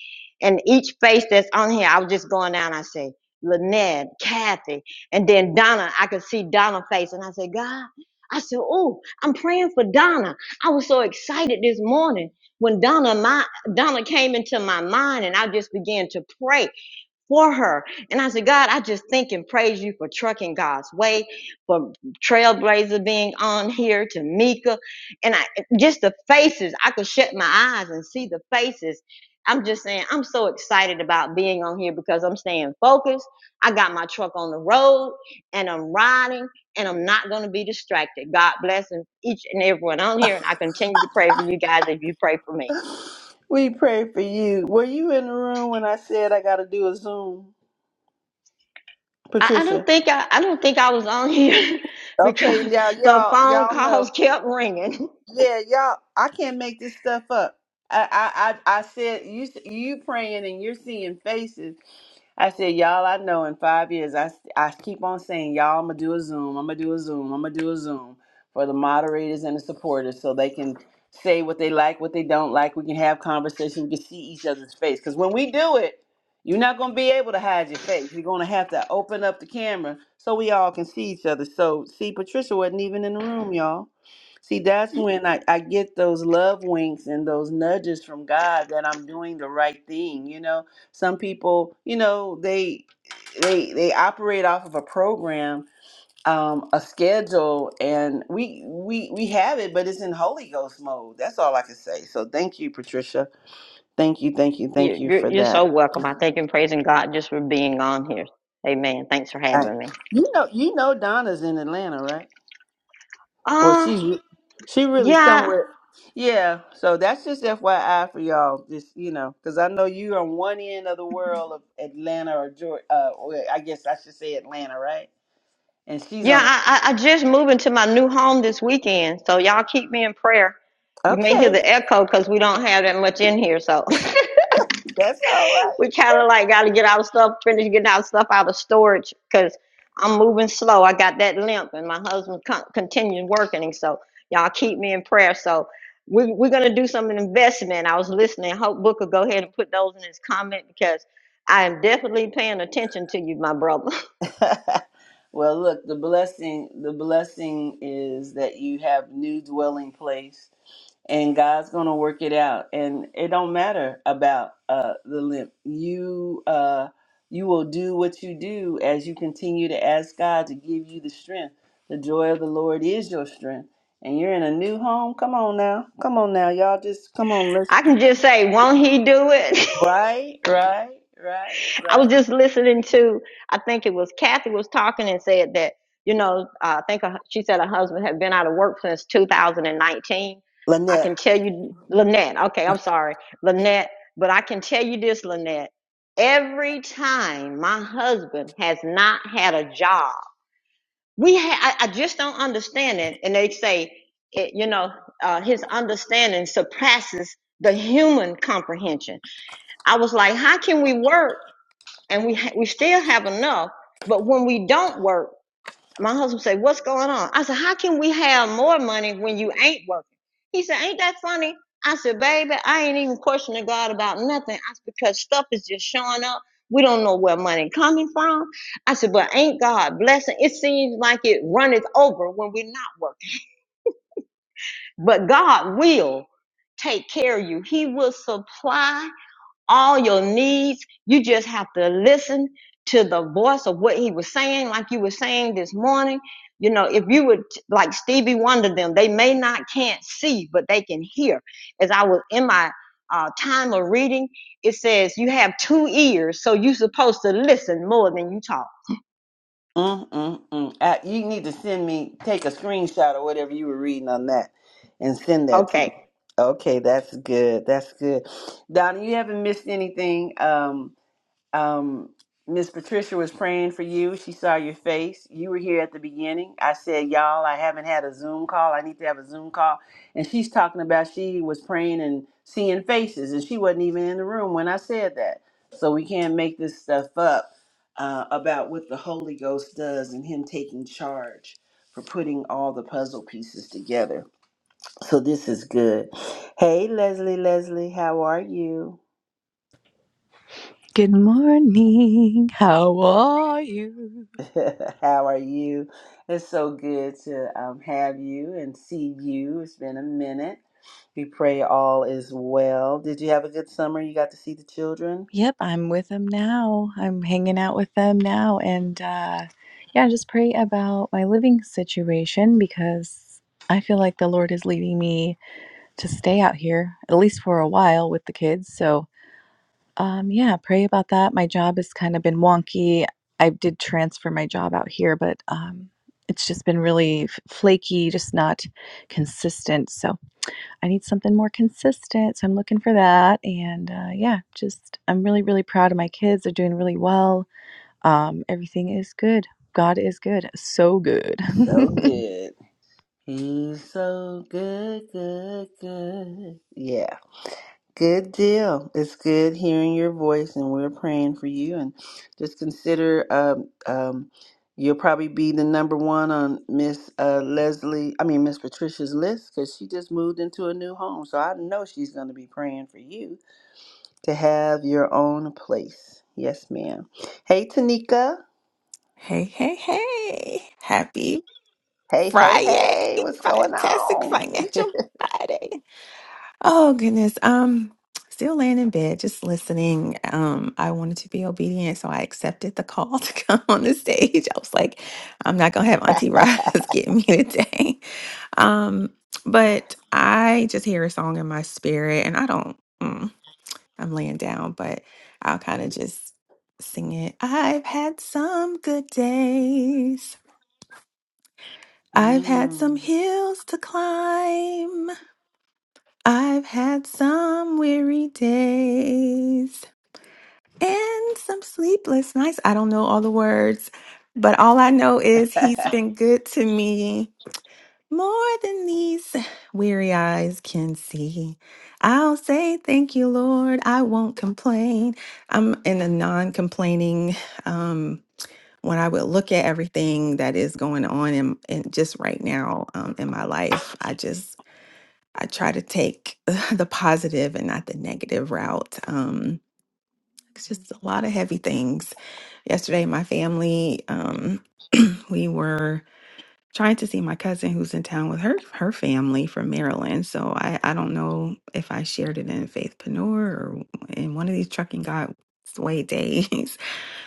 Speaker 6: And each face that's on here, I was just going down. I say, Lynette, Kathy, and then Donna. I could see Donna's face. And I said, God, I said, oh, I'm praying for Donna. I was so excited this morning when Donna and I Donna came into my mind and I just began to pray for her. And I said, God, I just thank and praise you for trucking God's way, for Trailblazer being on here, Tamika. And I just the faces, I could shut my eyes and see the faces. I'm just saying, I'm so excited about being on here because I'm staying focused. I got my truck on the road and I'm riding and I'm not going to be distracted. God bless each and everyone on here. And I continue to pray for you guys if you pray for me.
Speaker 1: We pray for you. Were you in the room when I said I got to do a Zoom,
Speaker 6: I, I don't
Speaker 1: Patricia?
Speaker 6: think I, I don't think I was on here
Speaker 1: Okay,
Speaker 6: because
Speaker 1: now
Speaker 6: the
Speaker 1: y'all,
Speaker 6: phone
Speaker 1: y'all know.
Speaker 6: calls kept ringing.
Speaker 1: Yeah, y'all. I can't make this stuff up. I, I, I, I said you, you praying and you're seeing faces. I said, y'all, I know in five years, I, I keep on saying, y'all, I'm going to do a Zoom. I'm going to do a Zoom. I'm going to do a Zoom for the moderators and the supporters so they can say what they like, what they don't like. We can have conversation. We can see each other's face. Because when we do it, you're not going to be able to hide your face. You're going to have to open up the camera so we all can see each other. So, see, Patricia wasn't even in the room, y'all. See, that's when I, I get those love winks and those nudges from God that I'm doing the right thing. You know, some people, you know, they they they operate off of a program, um, a schedule, and we we we have it, but it's in Holy Ghost mode. That's all I can say. So thank you, Patricia. Thank you, thank you, thank
Speaker 6: You,
Speaker 1: you
Speaker 6: you're,
Speaker 1: for
Speaker 6: you're
Speaker 1: that.
Speaker 6: so welcome. I thank and praising God just for being on here. Amen. Thanks for
Speaker 1: I-
Speaker 6: having me.
Speaker 1: you know, you know, Donna's in Atlanta, right? Well,
Speaker 6: Uh,
Speaker 1: she's re- she really
Speaker 6: yeah,
Speaker 1: somewhere. Yeah, so that's just FYI for y'all. Just you know, because I know you're on one end of the world of Atlanta or Georgia. Uh, or I guess I should say Atlanta, right? And she's
Speaker 6: yeah.
Speaker 1: on.
Speaker 6: I, I, I just moved into my new home this weekend, so y'all keep me in prayer. You may hear
Speaker 1: Okay,
Speaker 6: the echo because we don't have that much in here, so.
Speaker 1: that's all
Speaker 6: we
Speaker 1: right.
Speaker 6: kind of like got to get our stuff, finish getting our stuff out of storage because I'm moving slow. I got that limp, and my husband con- continues working. And so, y'all keep me in prayer. So, we, we're going to do some investment. I was listening. Hope Booker, go ahead and put those in his comment because I am definitely paying attention to you, my brother.
Speaker 1: well, look, the blessing the blessing is that you have new dwelling place and God's going to work it out and it don't matter about uh the limp. You uh you will do what you do as you continue to ask God to give you the strength. The joy of the Lord is your strength. And you're in a new home. Come on now. Come on now. Y'all just come on. Let's
Speaker 6: I can just say, won't he do it?
Speaker 1: right, right, right,
Speaker 6: I was
Speaker 1: right.
Speaker 6: just listening to, I think it was Kathy was talking and said that, you know, uh, I think her, she said her husband had been out of work since 2019. I
Speaker 1: Lynette.
Speaker 6: can tell you, Lynette, okay, I'm sorry, Lynette, but I can tell you this, Lynette. Every time my husband has not had a job, we ha- I, I just don't understand it. And they say, it, you know, uh, his understanding surpasses the human comprehension. I was like, how can we work? and we ha- we still have enough. But when we don't work, my husband said, "What's going on?" I said, "How can we have more money when you ain't working?" He said, "Ain't that funny?" I said, "Baby, I ain't even questioning God about nothing. I said, because stuff is just showing up. We don't know where money coming from." I said, "But ain't God blessing? It seems like it runneth over when we're not working, but God will." Take care of you. He will supply all your needs. You just have to listen to the voice of what he was saying, like you were saying this morning. You know, if you would like Stevie Wonder, them they may not can't see, but they can hear. As I was in my uh, time of reading, it says you have two ears, so you're supposed to listen more than you talk.
Speaker 1: Mm, mm, mm. I, you need to send me, take a screenshot or whatever you were reading on that and send that to
Speaker 6: Okay
Speaker 1: me. Okay, that's good. That's good. Donna, you haven't missed anything. Um, um, Miss Patricia was praying for you. She saw your face. You were here at the beginning. I said, Y'all, I haven't had a Zoom call. I need to have a Zoom call. And she's talking about she was praying and seeing faces, and she wasn't even in the room when I said that. So we can't make this stuff up uh, about what the Holy Ghost does and Him taking charge for putting all the puzzle pieces together. So this is good. Hey, Leslie, Leslie, how are you?
Speaker 7: Good morning. How are you?
Speaker 1: How are you? It's so good to um, have you and see you. It's been a minute. We pray all is well. Did you have a good summer? You got to see the children?
Speaker 7: Yep, I'm with them now. I'm hanging out with them now. And uh, yeah, just pray about my living situation because I feel like the Lord is leading me to stay out here, at least for a while, with the kids. So um, yeah, pray about that. My job has kind of been wonky. I did transfer my job out here, but um, it's just been really f- flaky, just not consistent. So I need something more consistent. So I'm looking for that. And uh, yeah, just I'm really, really proud of my kids. They're doing really well. Um, everything is good. God is good. So good.
Speaker 1: So good. He's so good, good, good. Yeah. Good deal. It's good hearing your voice, and we're praying for you. And just consider um, um, you'll probably be the number one on Miss uh, Leslie, I mean, Miss Patricia's list because she just moved into a new home. So I know she's going to be praying for you to have your own place. Yes, ma'am. Hey, Tanika.
Speaker 8: Hey, hey, hey. Happy
Speaker 1: Hey, hey,
Speaker 8: Friday.
Speaker 1: hey. What's going
Speaker 8: Fantastic
Speaker 1: on?
Speaker 8: Financial Friday. Oh, goodness. Um, still laying in bed, just listening. Um, I wanted to be obedient, so I accepted the call to come on the stage. I was like, I'm not gonna have Auntie Roz get me today. Um, but I just hear a song in my spirit, and I don't, mm, I'm laying down, but I'll kind of just sing it. I've had some good days. I've had some
Speaker 1: Mm.
Speaker 8: hills to climb. I've had some weary days and some sleepless nights. I don't know all the words, but all I know is he's been good to me more than these weary eyes can see. I'll say thank you, Lord. I won't complain. I'm in a non complaining when I would look at everything that is going on in, in just right now um, in my life, I just I try to take the positive and not the negative route. Um, it's just a lot of heavy things. Yesterday, my family um, we were trying to see my cousin who's in town with her her family from Maryland. So I I don't know if I shared it in Faithpreneur or in one of these Trucking God's Way days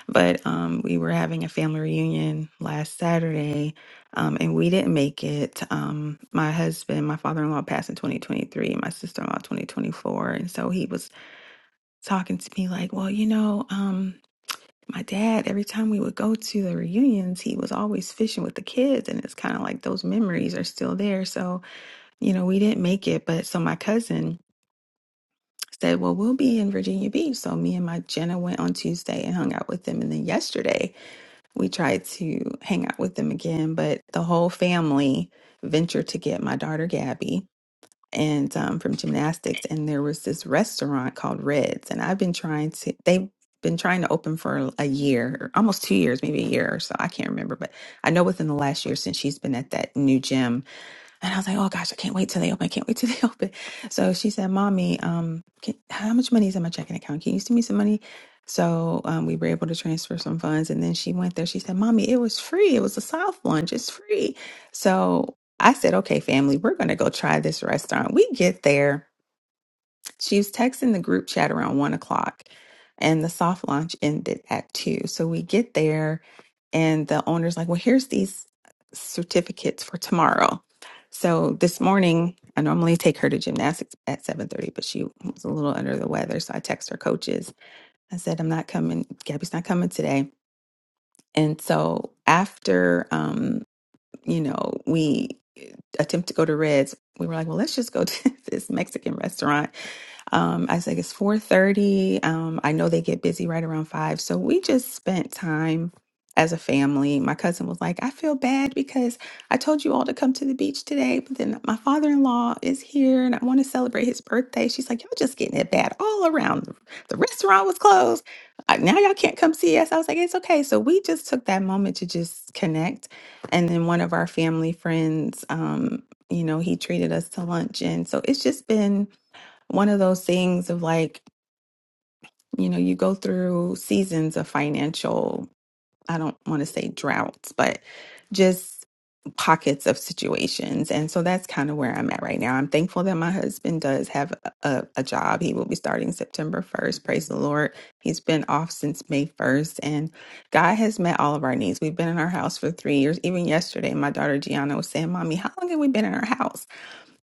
Speaker 8: But um, we were having a family reunion last Saturday, um, and we didn't make it. Um, my husband, my father in law, passed in 2023, my sister in law, 2024. And so he was talking to me like, well, you know, um, my dad, every time we would go to the reunions, he was always fishing with the kids. And it's kind of like those memories are still there. So, you know, we didn't make it. But so my cousin, said, Well, we'll be in Virginia Beach. So me and my Jenna went on Tuesday and hung out with them. And then yesterday we tried to hang out with them again, but the whole family ventured to get my daughter Gabby and um, from gymnastics. And there was this restaurant called Reds, and I've been trying to. They've been trying to open for a year, almost two years, maybe a year or so. I can't remember, but I know within the last year since she's been at that new gym and I was like, oh gosh, I can't wait till they open. I can't wait till they open. So she said, mommy, um, can, how much money is in my checking account? Can you send me some money? So um, we were able to transfer some funds. And then she went there. She said, mommy, it was free. It was a South lunch. It's free. So I said, okay, family, we're going to go try this restaurant. We get there. She was texting the group chat around one o'clock, and the soft launch ended at two. So we get there, and the owner's like, Well, here's these certificates for tomorrow. So this morning, I normally take her to gymnastics at 7:30, but she was a little under the weather. So I text her coaches. I said, I'm not coming, Gabby's not coming today. And so after um, you know, we eh, attempt to go to Reds, we were like, well, let's just go to this Mexican restaurant um, I think it's 4:30. Um, I know they get busy right around five. So we just spent time as a family. My cousin was like, I feel bad because I told you all to come to the beach today, but then my father-in-law is here and I want to celebrate his birthday. She's like, Y'all just getting it bad all around. The restaurant was closed. Uh, Now y'all can't come see us. I was like, it's okay. So we just took that moment to just connect. And then one of our family friends, um, you know, he treated us to lunch. And so it's just been one of those things of like, you know, you go through seasons of financial, I don't want to say droughts, but just pockets of situations. And so that's kind of where I'm at right now. I'm thankful that my husband does have a, a job. He will be starting September 1st. Praise the Lord. He's been off since May 1st, and God has met all of our needs. We've been in our house for three years. Even yesterday, my daughter Gianna was saying, Mommy, how long have we been in our house?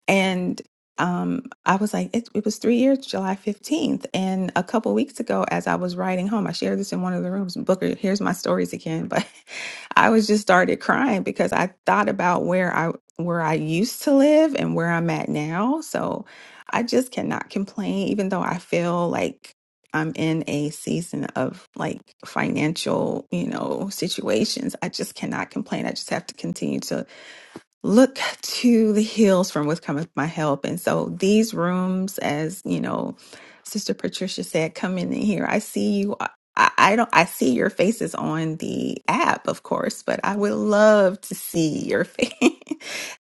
Speaker 8: And um, I was like, it, it was three years, July 15th. And a couple weeks ago, as I was riding home, I shared this in one of the rooms. Booker, here's my stories again. But I was just started crying because I thought about where I where I used to live and where I'm at now. So I just cannot complain, even though I feel like I'm in a season of like financial, you know, situations. I just cannot complain. I just have to continue look to the hills from which cometh my help. And so these rooms, as you know, Sister Patricia said, come in here. I see you. uh, I, I don't. I see your faces on the app, of course, but I would love to see your face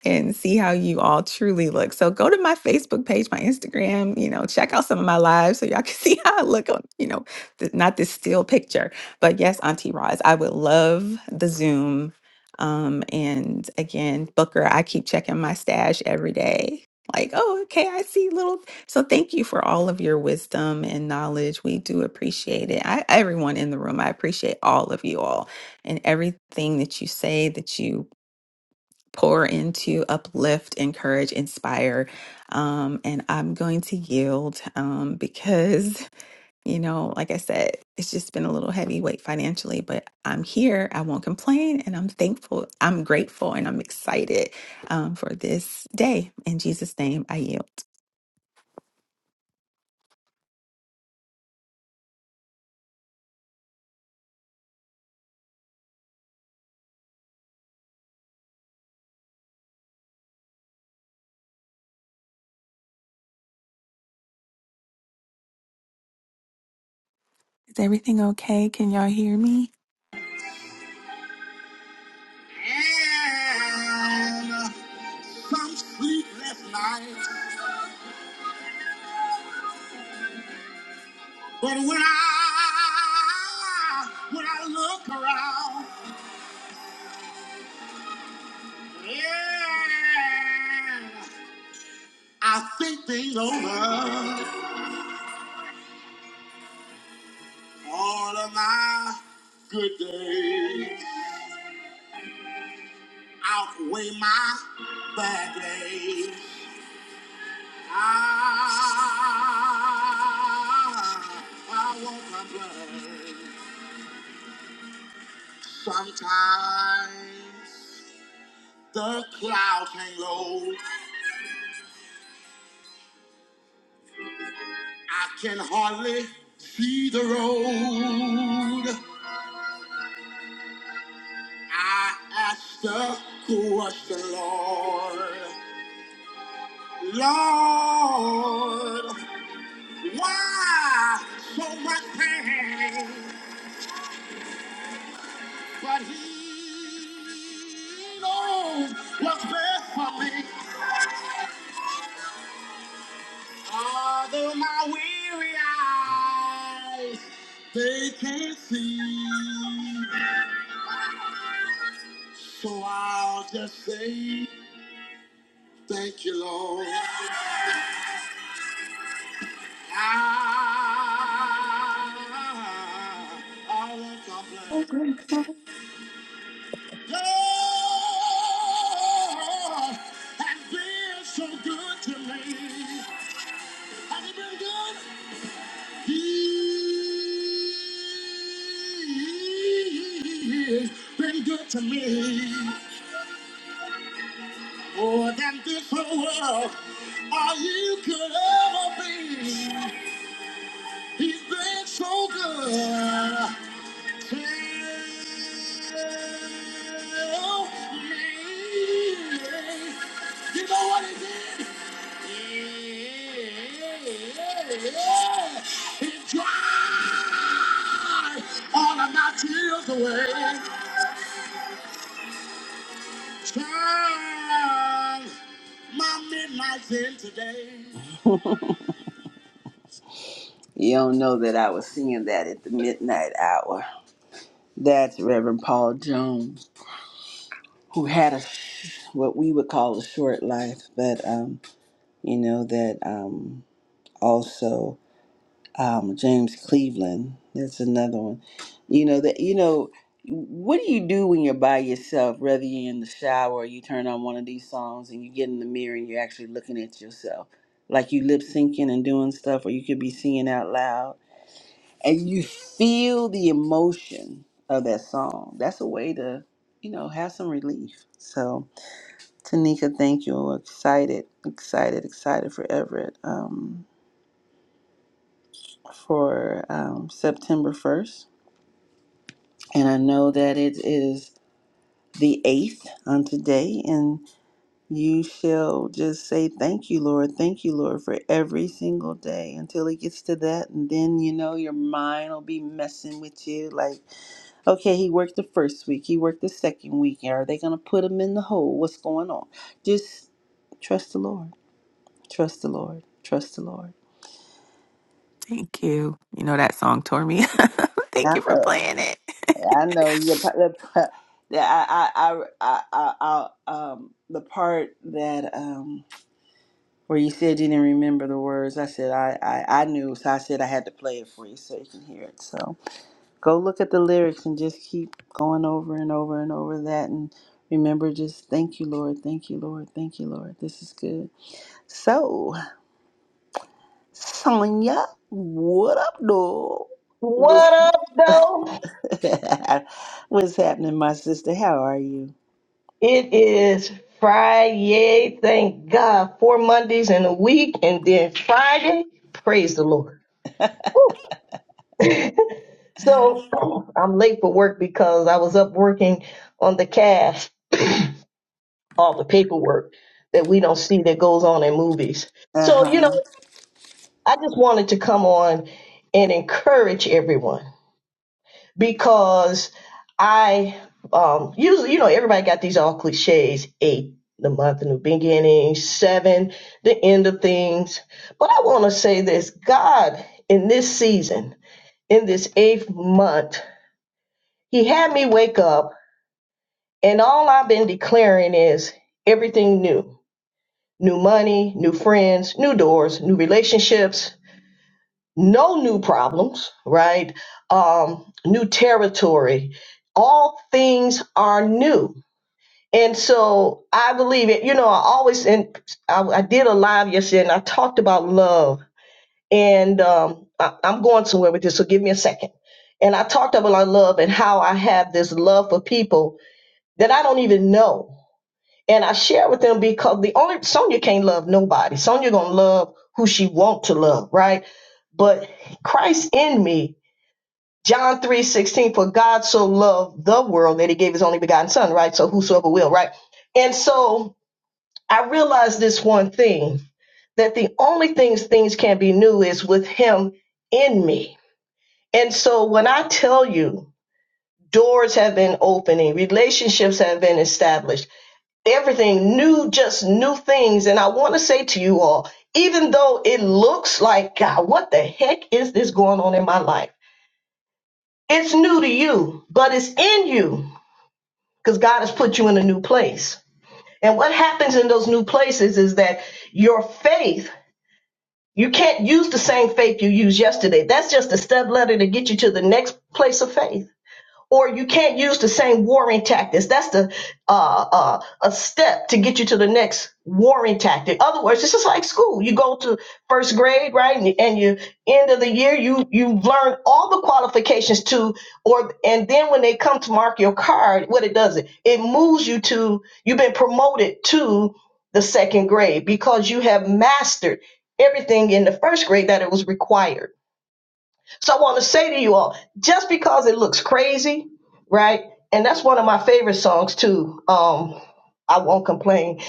Speaker 8: and see how you all truly look. So go to my Facebook page, my Instagram. You know, check out some of my lives so y'all can see how I look on. You know, th- not this still picture, but yes, Auntie Roz, I would love the Zoom um, and again, Booker, I keep checking my stash every day. Like, oh, okay, I see little. So thank you for all of your wisdom and knowledge. We do appreciate it. I, everyone in the room, I appreciate all of you all and everything that you say, that you pour into, uplift, encourage, inspire. Um, and I'm going to yield um, because you know, like I said, it's just been a little heavyweight financially, but I'm here. I won't complain. And I'm thankful. I'm grateful and I'm excited um, for this day. In Jesus' name, I yield. Is everything okay? Can y'all hear me?
Speaker 1: And some sleepless nights. But when I when I look around, yeah, I think things over. All of my good days outweigh my bad days. I, I won't complain. Sometimes the clouds hang low I can hardly see the road. I ask the question, Lord. Lord, why so much pain? But He knows what's best for me. Although my weary eyes, they can't see. So I'll just say thank you, Lord. I, I will
Speaker 9: Thank
Speaker 1: complain.
Speaker 9: you.
Speaker 1: Lord has been so good to me. Has he been good? He has been good to me. More than this whole world, all you could ever be. He's been so good. Tell me. You know what he did? Yeah. He dried all of my tears away. Turn my midnight in today. You don't know that I was singing that at the midnight hour. That's Reverend Paul Jones, who had a sh- what we would call a short life, but um, you know that um, also um, James Cleveland. That's another one. You know that you know. What do you do when you're by yourself? Whether you're in the shower, you turn on one of these songs, and you get in the mirror and you're actually looking at yourself, like you lip syncing and doing stuff, or you could be singing out loud and you feel the emotion of that song. That's a way to, you know, have some relief. So, Tanika, thank you. We're excited, excited, excited for Everett um, for um, September 1st. And I know that it is the 8th on today. you shall just say thank you lord thank you lord for every single day until it gets to that and then you know your mind will be messing with you like okay he worked the first week he worked the second week are they going to put him in the hole what's going on just trust the lord trust the lord trust the lord
Speaker 8: Thank you. You know that song tore me. up. Thank
Speaker 1: i,
Speaker 8: you for
Speaker 1: know,
Speaker 8: playing it.
Speaker 1: I know you're part- the, part- the, I, I, I, I, I, I, um, the part that um. Where you said you didn't remember the words. I said I, I, I knew, so I said I had to play it for you so you can hear it. So go look at the lyrics and just keep going over and over and over that and remember just thank you, Lord, thank you, Lord, thank you, Lord. This is good. So, Sonya, what up, dog? What's,
Speaker 10: What up, though?
Speaker 1: what's happening, my sister? How are you?
Speaker 10: It is Friday. Thank God. Four Mondays in a week, and then Friday. Praise the Lord. Woo. So I'm late for work because I was up working on the calf, all the paperwork that we don't see that goes on in movies.
Speaker 1: Uh
Speaker 10: So, you know,
Speaker 1: huh.
Speaker 10: I just wanted to come on and encourage everyone. because I um usually you know everybody got these all cliches eight the month of new beginning seven the end of things but I want to say this God in this season in this eighth month he had me wake up and all I've been declaring is everything new new money new friends new doors new relationships no new problems, right? Um, new territory. All things are new. And so I believe it. You know, I always, and I, I did a live yesterday and I talked about love. And um, I, I'm going somewhere with this, so give me a second. And I talked about love and how I have this love for people that I don't even know and I share with them because the only Sonya can't love nobody. Sonya gonna love who she want to love, right? But Christ in me, John three sixteen. for God so loved the world that he gave his only begotten son, right? So whosoever will, right? And so I realized this one thing that the only things things can be new is with him in me. And so when I tell you doors have been opening, relationships have been established everything new, just new things. And I want to say to you all, even though it looks like, God, what the heck is this going on in my life? It's new to you, but it's in you because God has put you in a new place. And what happens in those new places is that your faith, you can't use the same faith you used yesterday. That's just a step ladder to get you to the next place of faith. or you can't use the same warring tactics. That's the uh, uh, a step to get you to the next warring tactic. Other words, it's just like school. You go to first grade, right, and, and you end of the year, you you learn all the qualifications to, or and then when they come to mark your card, what it does it it moves you to you've been promoted to the second grade because you have mastered everything in the first grade that it was required so I want to say to you all, just because it looks crazy, right? And that's one of my favorite songs too. Um, I won't complain.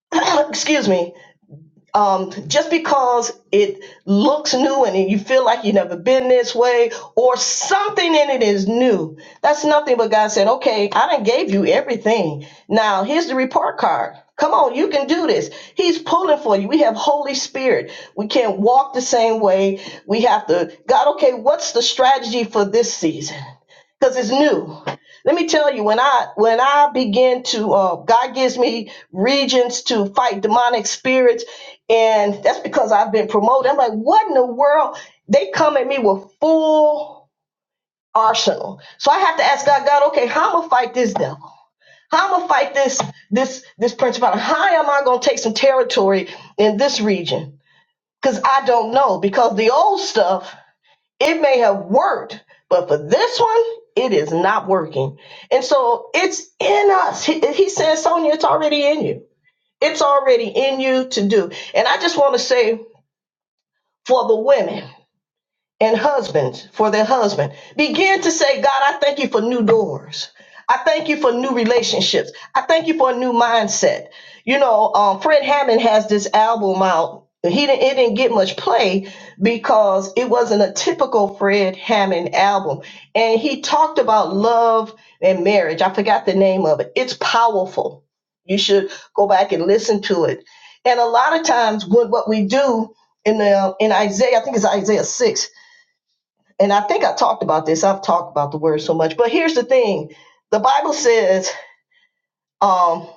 Speaker 10: Excuse me um, just because it looks new and you feel like you've never been this way or something in it is new, that's nothing but God said, okay, I done gave you everything. Now here's the report card. Come on, you can do this. He's pulling for you. We have Holy Spirit. We can't walk the same way. We have to, God, okay, what's the strategy for this season? because it's new. Let me tell you, when I when I begin to, uh, God gives me regions to fight demonic spirits, and that's because I've been promoted. I'm like, what in the world? They come at me with full arsenal, so I have to ask God, God, okay, how am I gonna fight this devil? How am I gonna fight this this this principality? How am I gonna take some territory in this region? Because I don't know. Because the old stuff it may have worked, but for this one, it is not working. And so it's in us. He, he says, Sonia, it's already in you. It's already in you to do. And I just want to say for the women, and husbands for their husband begin to say god i thank you for new doors i thank you for new relationships i thank you for a new mindset you know um, fred hammond has this album out he didn't, it didn't get much play because it wasn't a typical fred hammond album and he talked about love and marriage i forgot the name of it it's powerful you should go back and listen to it and a lot of times what, what we do in the in isaiah i think it's isaiah 6 and I think I talked about this. I've talked about the word so much, but here's the thing: the Bible says, um,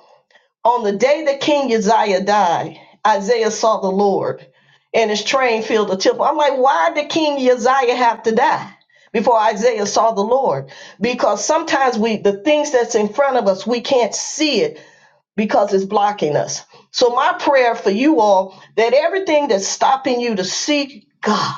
Speaker 10: "On the day that King Uzziah died, Isaiah saw the Lord, and his train filled the temple." I'm like, why did King Uzziah have to die? Before Isaiah saw the Lord, because sometimes we the things that's in front of us we can't see it because it's blocking us. So my prayer for you all that everything that's stopping you to see God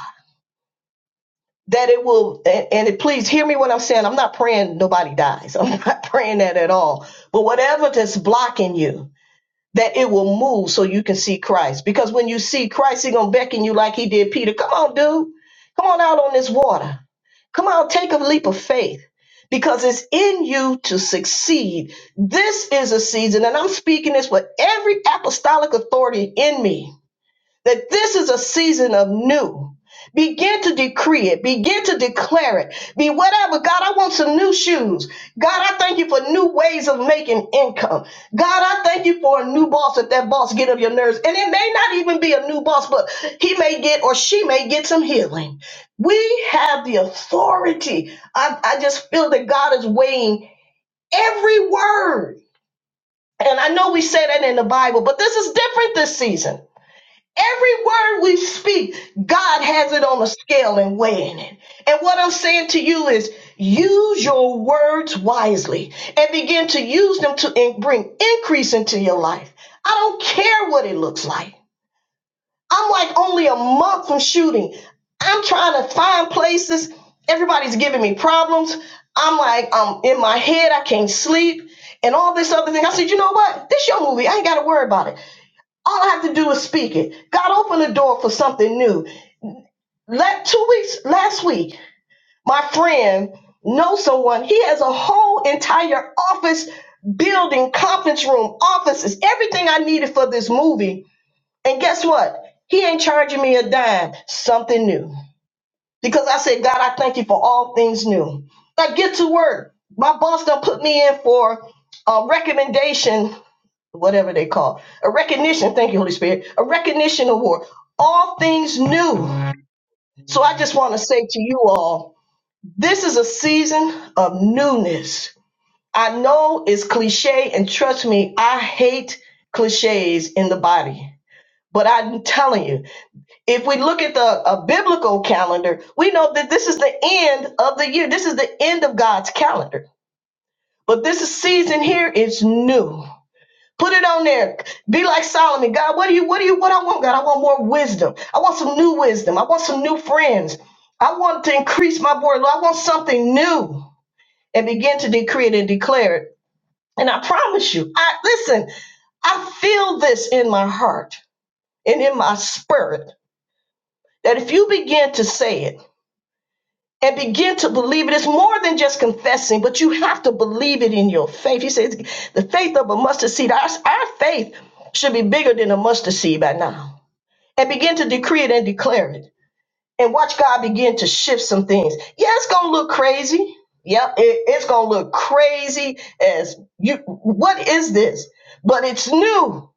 Speaker 10: that it will and, and it, please hear me when i'm saying i'm not praying nobody dies i'm not praying that at all but whatever that's blocking you that it will move so you can see christ because when you see christ He's gonna beckon you like he did peter come on dude come on out on this water come on take a leap of faith because it's in you to succeed this is a season and i'm speaking this with every apostolic authority in me that this is a season of new. Begin to decree it. Begin to declare it. Be whatever. God, I want some new shoes. God, I thank you for new ways of making income. God, I thank you for a new boss if that boss get on your nerves. And it may not even be a new boss, but he may get or she may get some healing. We have the authority. I, I just feel that God is weighing every word. And I know we say that in the Bible, but this is different this season. Every word we speak, God has it on a scale and weighing it. And what I'm saying to you is use your words wisely and begin to use them to in- bring increase into your life. I don't care what it looks like. I'm like only a month from shooting. I'm trying to find places. Everybody's giving me problems. I'm like, um, in my head, I can't sleep and all this other thing. I said, you know what? This your movie. I ain't got to worry about it. All I have to do is speak it. God opened the door for something new. Let two weeks last week, my friend knows someone. He has a whole entire office building, conference room, offices, everything I needed for this movie. And guess what? He ain't charging me a dime. Something new. Because I said, God, I thank you for all things new. I get to work. My boss done put me in for a recommendation whatever they call a recognition. Thank you, Holy Spirit. A recognition award. All things new. So I just want to say to you all, this is a season of newness. I know it's cliche, and trust me, I hate cliches in the body. But I'm telling you, if we look at the a biblical calendar, we know that this is the end of the year. This is the end of God's calendar. But this season here is new. Put it on there. Be like Solomon. God, what do you, what do you, what I want, God? I want more wisdom. I want some new wisdom. I want some new friends. I want to increase my board. Lord, I want something new and begin to decree it and declare it. And I promise you, I listen, I feel this in my heart and in my spirit that if you begin to say it, and begin to believe it. It's more than just confessing, but you have to believe it in your faith. He says, the faith of a mustard seed, our, our faith should be bigger than a mustard seed by now. And begin to decree it and declare it. And watch God begin to shift some things. Yeah, it's going to look crazy. Yep, it, it's going to look crazy as you. What is this? But it's new.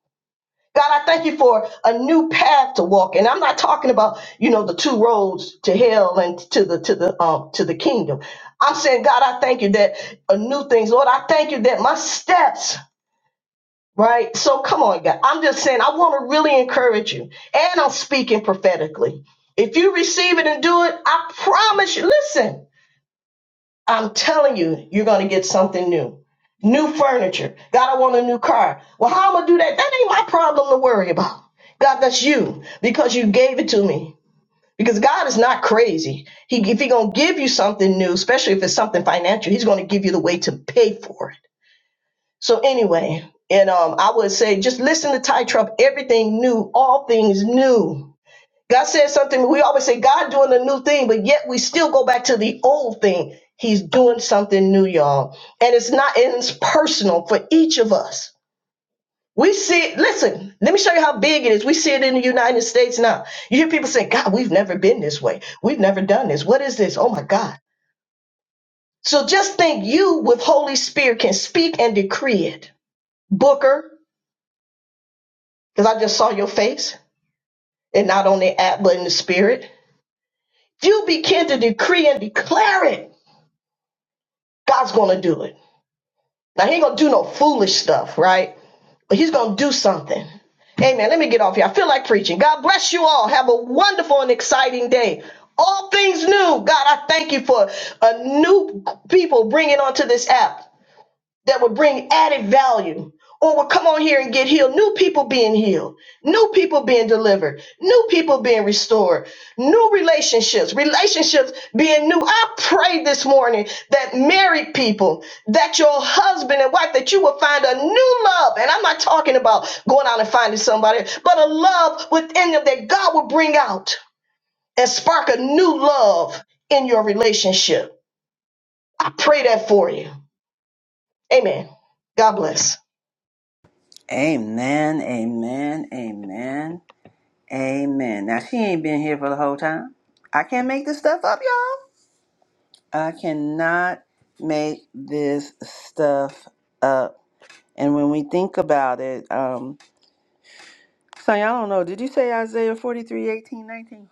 Speaker 10: God, I thank you for a new path to walk. And I'm not talking about, you know, the two roads to hell and to the to the um to the kingdom. I'm saying, God, I thank you that a new things, Lord, I thank you that my steps, right? So come on, God. I'm just saying I want to really encourage you. And I'm speaking prophetically. If you receive it and do it, I promise you, listen. I'm telling you, you're going to get something new. New furniture. God, I want a new car. Well, how am I going to do that? That ain't my problem to worry about. God, that's you because you gave it to me. Because God is not crazy. He, if He's going to give you something new, especially if it's something financial, He's going to give you the way to pay for it. So, anyway, and um, I would say just listen to Ty Trump, everything new, all things new God says something. We always say God doing a new thing, but yet we still go back to the old thing. He's doing something new, y'all. And it's not, and it's personal for each of us. We see it, listen, let me show you how big it is. We see it in the United States now. You hear people say, God, we've never been this way. We've never done this. What is this? Oh my God. So just think you with Holy Spirit can speak and decree it. Booker, because I just saw your face and not on the app, but in the spirit. You begin to decree and declare it God's going to do it. Now, he ain't going to do no foolish stuff, right? But he's going to do something. Amen. Let me get off here. I feel like preaching. God bless you all. Have a wonderful and exciting day. All things new. God, I thank you for a new people bringing onto this app that would bring added value or would come on here and get healed. New people being healed, new people being delivered, new people being restored, new relationships, relationships being new. I pray this morning that married people, that your husband and wife, that you will find a new love. And I'm not talking about going out and finding somebody, but a love within them that God will bring out and spark a new love in your relationship. I pray that for you. Amen. God bless.
Speaker 1: Amen, amen, amen. Amen. Now she ain't been here for the whole time. I can't make this stuff up, y'all. I cannot make this stuff up. And when we think about it, um, so y'all don't know. Did you say Isaiah 43 18 19?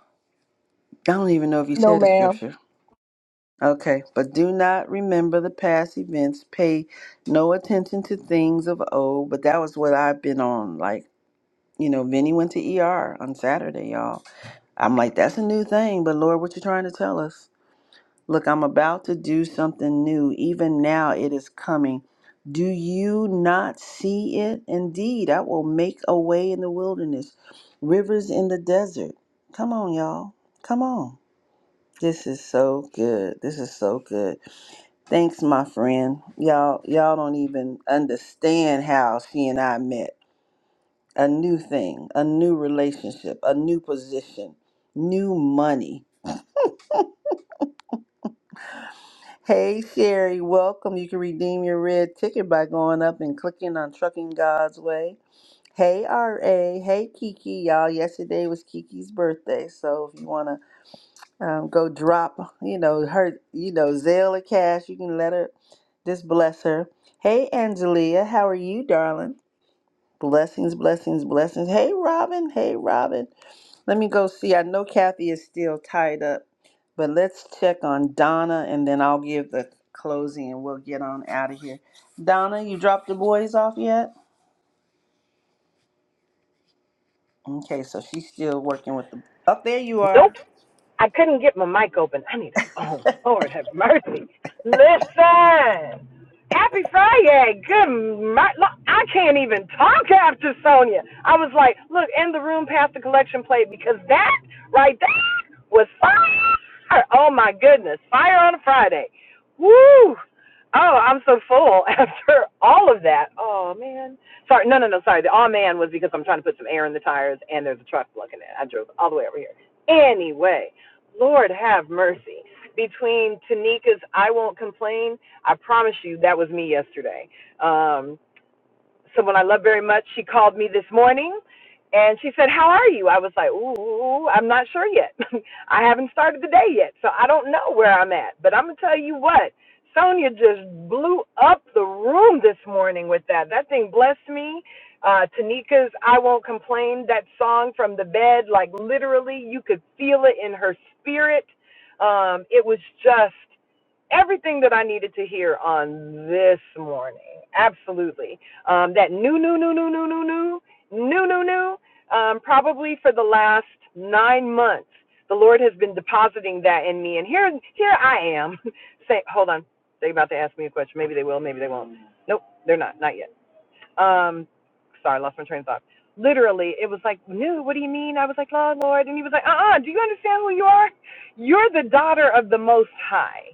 Speaker 1: I don't even know if you
Speaker 10: No,
Speaker 1: said the
Speaker 10: ma'am.
Speaker 1: scripture. Okay, but do not remember the past events. Pay no attention to things of old. But that was what I've been on. Like, you know, Vinny went to ER on Saturday, y'all. I'm like, that's a new thing, but Lord, what you trying to tell us? Look, I'm about to do something new. Even now it is coming. Do you not see it? Indeed, I will make a way in the wilderness, rivers in the desert. Come on, y'all. Come on. This is so good. This is so good. Thanks, my friend. Y'all, y'all don't even understand how she and I met. A new thing, a new relationship, a new position, new money. Hey Sherry, welcome. You can redeem your red ticket by going up and clicking on Trucking God's Way. Hey RA, hey Kiki, y'all. Yesterday was Kiki's birthday, so if you wanna um, go drop, you know her, you know Zelle or cash, you can let her. Just bless her. Hey Angelia, how are you, darling? Blessings, blessings, blessings. Hey Robin, hey Robin. Let me go see. I know Kathy is still tied up, but let's check on Donna and then I'll give the closing and we'll get on out of here. Donna, you dropped the boys off yet? Okay, so she's still working with the. Up there you are.
Speaker 2: Nope. I couldn't get my mic open. I need a phone. Lord have mercy. Listen. Happy Friday. Good. Mer- look, I can't even talk after Sonia. I was like, look, in the room past the collection plate because that right there was fire. Oh my goodness. Fire on a Friday. Woo. Oh, I'm so full after all of that. Oh man. Sorry, no, no, no. Sorry. The oh man was because I'm trying to put some air in the tires and there's a truck blocking it. I drove all the way over here. Anyway, Lord have mercy. Between Tanika's I Won't Complain, I promise you that was me yesterday. Um, someone I love very much, she called me this morning and she said, How are you? I was like, Ooh, I'm not sure yet. I haven't started the day yet, so I don't know where I'm at. But I'm going to tell you what, Sonia just blew up the room this morning with that. That thing blessed me. Uh, Tanika's I Won't Complain, that song from the bed, like literally, you could feel it in her spirit. Um, it was just everything that I needed to hear on this morning. Absolutely. Um, that new, new, new, new, new, new, new, new, new, new, um, probably for the last nine months. The Lord has been depositing that in me. And here, here I am. Say, hold on. They're about to ask me a question. Maybe they will, maybe they won't. Nope, they're not. Not yet. Um, sorry, I lost my train of thought. Literally, it was like, no, what do you mean? I was like, Lord, Lord. And he was like, uh-uh, do you understand who you are? You're the daughter of the Most High.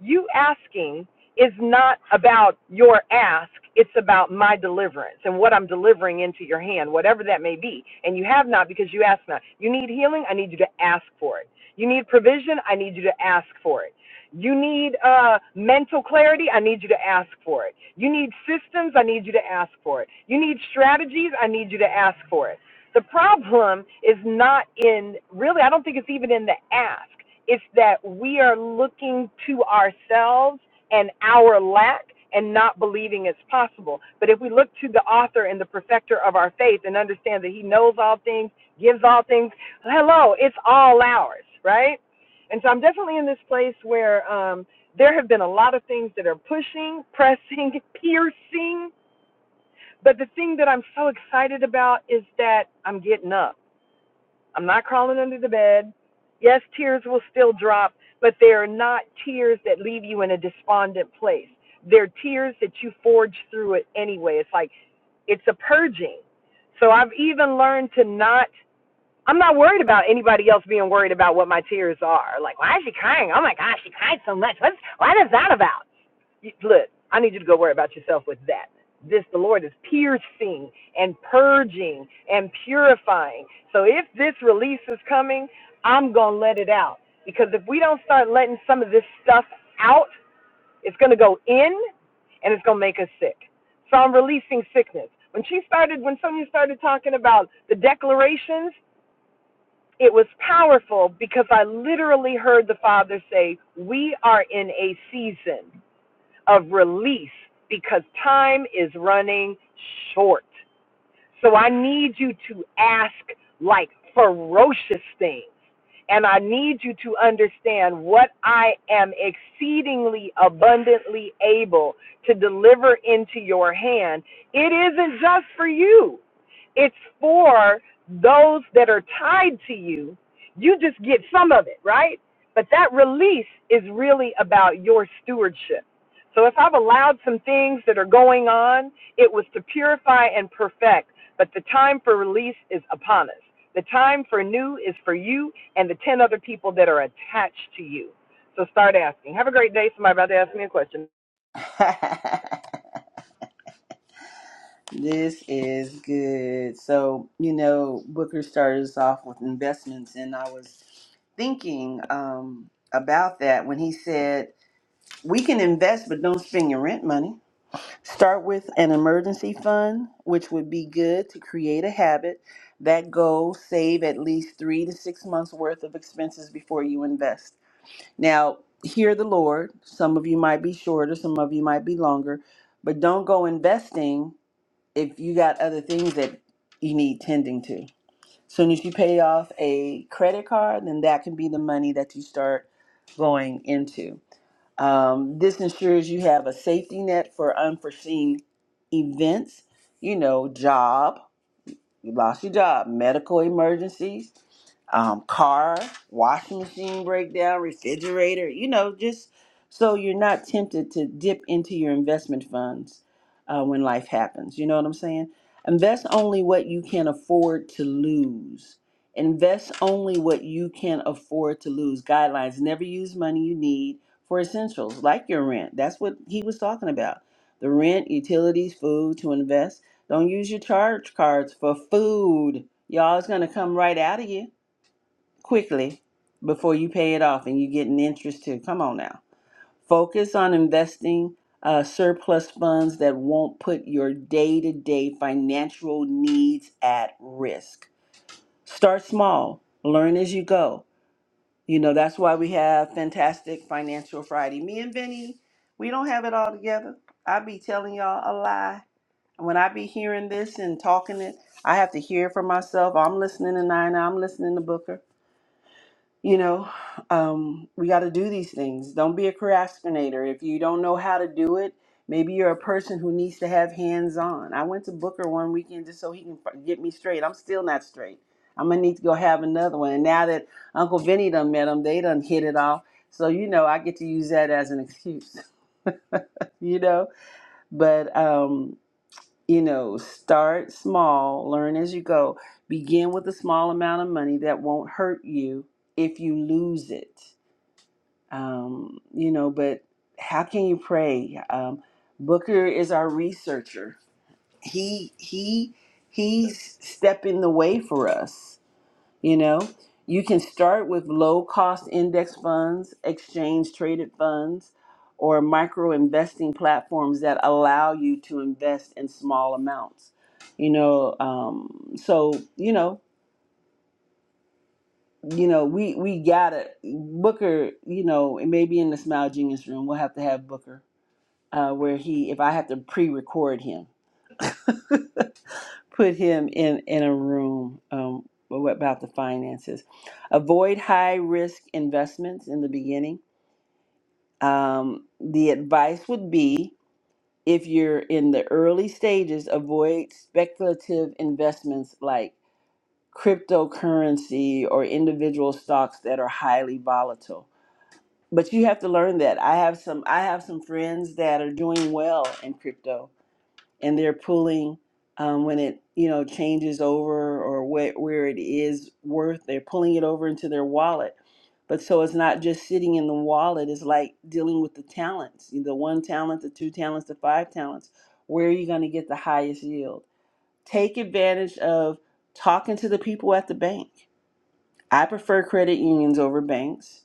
Speaker 2: You asking is not about your ask. It's about my deliverance and what I'm delivering into your hand, whatever that may be. And you have not because you ask not. You need healing? I need you to ask for it. You need provision? I need you to ask for it. You need uh, mental clarity? I need you to ask for it. You need systems? I need you to ask for it. You need strategies? I need you to ask for it. The problem is not in, really, I don't think it's even in the ask. It's that we are looking to ourselves and our lack and not believing it's possible. But if we look to the author and the perfecter of our faith and understand that he knows all things, gives all things, hello, it's all ours, right? and so I'm definitely in this place where um, there have been a lot of things that are pushing, pressing, piercing. But the thing that I'm so excited about is that I'm getting up. I'm not crawling under the bed. Yes, tears will still drop, but they are not tears that leave you in a despondent place. They're tears that you forge through it anyway. It's like it's a purging. So I've even learned to not I'm not worried about anybody else being worried about what my tears are. Like, why is she crying? Oh my gosh, she cried so much. What's what is that about? You, look, I need you to go worry about yourself with that. This the Lord is piercing and purging and purifying. So if this release is coming, I'm gonna let it out. Because if we don't start letting some of this stuff out, it's gonna go in and it's gonna make us sick. So I'm releasing sickness. When she started when Sonia started talking about the declarations, it was powerful because I literally heard the Father say, We are in a season of release because time is running short. So I need you to ask like ferocious things. And I need you to understand what I am exceedingly abundantly able to deliver into your hand. It isn't just for you, it's for those that are tied to you. You just get some of it, right? But that release is really about your stewardship. So if I've allowed some things that are going on, it was to purify and perfect. But the time for release is upon us. The time for new is for you and the 10 other people that are attached to you. So start asking. Have a great day. Somebody about to ask me a question.
Speaker 1: this is good. So, you know, Booker started us off with investments, and I was thinking um, about that when he said, We can invest, but don't spend your rent money. Start with an emergency fund, which would be good to create a habit. That goal, save at least three to six months worth of expenses before you invest. Now, hear the Lord. Some of you might be shorter, some of you might be longer, but don't go investing if you got other things that you need tending to. Soon as you pay off a credit card, then that can be the money that you start going into. Um, this ensures you have a safety net for unforeseen events, you know, job, you lost your job. Medical emergencies, um, car, washing machine breakdown, refrigerator, you know, just so you're not tempted to dip into your investment funds uh, when life happens. You know what I'm saying? Invest only what you can afford to lose. Invest only what you can afford to lose. Guidelines never use money you need for essentials like your rent. That's what he was talking about. The rent, utilities, food to invest don't use your charge cards for food. Y'all, it's gonna come right out of you quickly before you pay it off, and you get an interest too. Come on now. Focus on investing uh, surplus funds that won't put your day-to-day financial needs at risk. Start small. Learn as you go. You know that's why we have fantastic Financial Friday. Me and Vinny, we don't have it all together. I be telling y'all a lie when I be hearing this and talking it, I have to hear it for myself. I'm listening to Nina. I'm listening to Booker. You know, um, we got to do these things. Don't be a procrastinator. If you don't know how to do it, maybe you're a person who needs to have hands on. I went to Booker one weekend just so he can f- get me straight. I'm still not straight. I'm gonna need to go have another one. And now that Uncle Vinny done met him, they done hit it off. So you know, I get to use that as an excuse. you know, but um, you know, start small, learn as you go. Begin with a small amount of money that won't hurt you if you lose it. Um, you know, but how can you pray? Um, Booker is our researcher. He he he's stepping the way for us. You know, you can start with low cost index funds, exchange traded funds, or micro investing platforms that allow you to invest in small amounts. You know, um, so you know, you know, we we gotta Booker. You know, and maybe in the Smile Genius room, we'll have to have Booker uh, where he, if I have to pre-record him. put him in in a room um, what about the finances avoid high risk investments in the beginning um, the advice would be if you're in the early stages avoid speculative investments like cryptocurrency or individual stocks that are highly volatile but you have to learn that i have some i have some friends that are doing well in crypto and they're pulling um, when it you know changes over or where, where it is worth they're pulling it over into their wallet but so it's not just sitting in the wallet it's like dealing with the talents the one talent the two talents the five talents where are you going to get the highest yield take advantage of talking to the people at the bank I prefer credit unions over banks,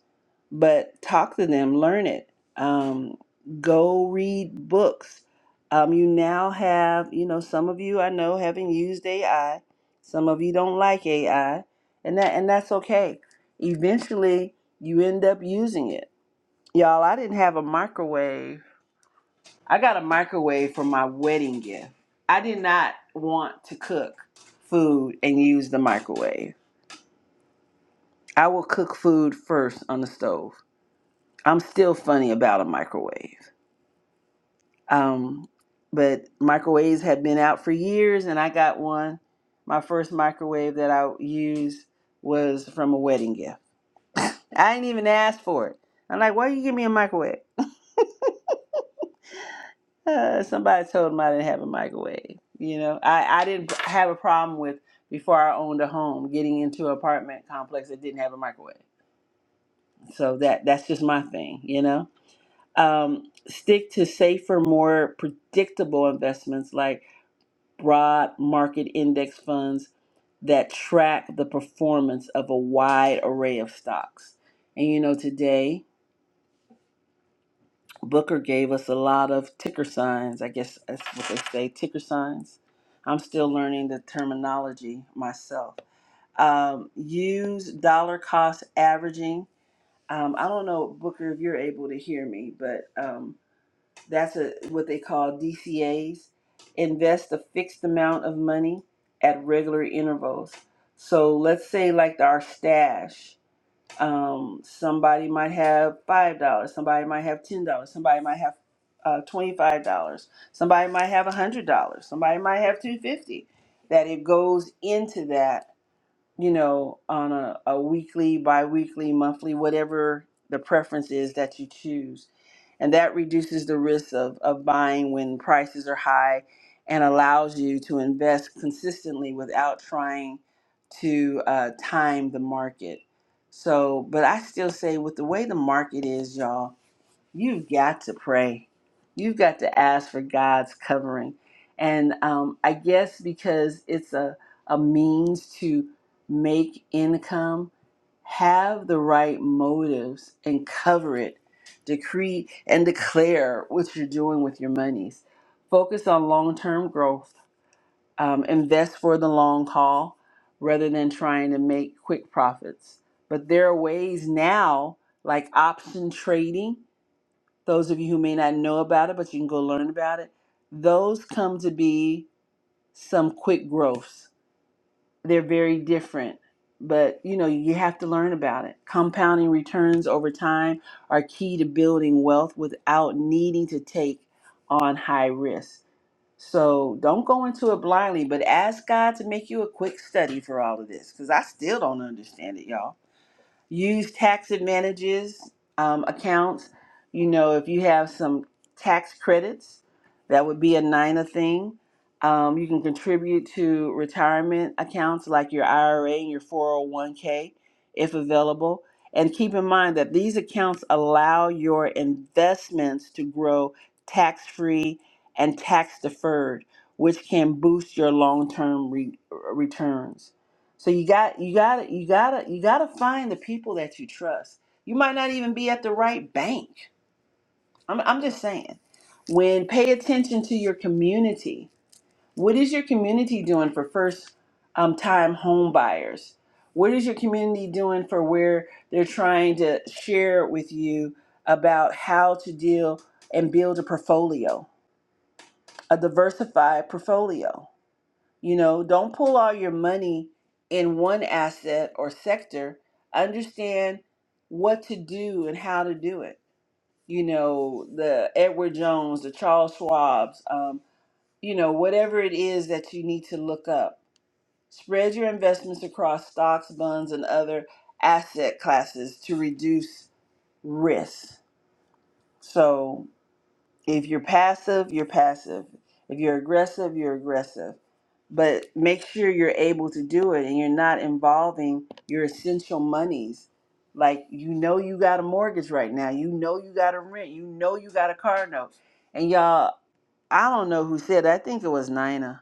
Speaker 1: but talk to them, learn it. Um, go read books. Um, you now have, you know, some of you I know haven't used AI. Some of you don't like AI, and that and that's okay. Eventually, you end up using it. Y'all, I didn't have a microwave. I got a microwave for my wedding gift. I did not want to cook food and use the microwave. I will cook food first on the stove. I'm still funny about a microwave. Um, but microwaves have been out for years, and I got one. My first microwave that I used was from a wedding gift. I didn't even ask for it. I'm like, why you give me a microwave? Uh, somebody told them I didn't have a microwave. You know, I, I didn't have a problem with before I owned a home getting into an apartment complex that didn't have a microwave. So that that's just my thing, you know um, stick to safer, more predictable investments like broad market index funds that track the performance of a wide array of stocks. And you know, today Booker gave us a lot of ticker signs. I guess that's what they say ticker signs. I'm still learning the terminology myself. Um, use dollar cost averaging. Um, I don't know, Booker, if you're able to hear me, but. Um, That's a, what they call DCAs. Invest a fixed amount of money at regular intervals. So let's say like our stash. Um, somebody might have five dollars. Somebody might have ten dollars. Somebody might have uh, twenty-five dollars. Somebody might have a hundred dollars. Somebody might have two fifty. That it goes into that you know, on a, a weekly, bi weekly, monthly, whatever the preference is that you choose. And that reduces the risk of, of buying when prices are high and allows you to invest consistently without trying to uh, time the market. So, but I still say with the way the market is, y'all, You've got to pray. You've got to ask for God's covering. And um, I guess because it's a, a means to make income, have the right motives and cover it. Decree and declare what you're doing with your monies. Focus on long term growth. Um, invest for the long haul rather than trying to make quick profits. But there are ways now, like option trading those of you who may not know about it, but you can go learn about it. Those come to be some quick growths. They're very different, but you know, you have to learn about it. Compounding returns over time are key to building wealth without needing to take on high risk. So don't go into it blindly, but ask God to make you a quick study for all of this because I still don't understand it, y'all use tax advantages um, accounts. You know, if you have some tax credits, that would be a NINA thing. Um, you can contribute to retirement accounts like your IRA and your 401k if available. And keep in mind that these accounts allow your investments to grow tax free and tax deferred, which can boost your long term re- returns. So you got you gotta you gotta you gotta find the people that you trust. You might not even be at the right bank. I'm I'm just saying. When pay attention to your community. What is your community doing for first um, time home buyers? What is your community doing for where they're trying to share with you about how to deal and build a portfolio, a diversified portfolio? You know, don't pull all your money in one asset or sector. Understand what to do and how to do it. You know, the Edward Jones, the Charles Schwab's, um, you know, whatever it is that you need to look up. Spread your investments across stocks, bonds, and other asset classes to reduce risk. So, if you're passive, you're passive. If you're aggressive, you're aggressive. But make sure you're able to do it and you're not involving your essential monies. Like, you know, you got a mortgage right now. You know, you got a rent. You know, you got a car note. And y'all, I don't know who said it. I think it was Nina.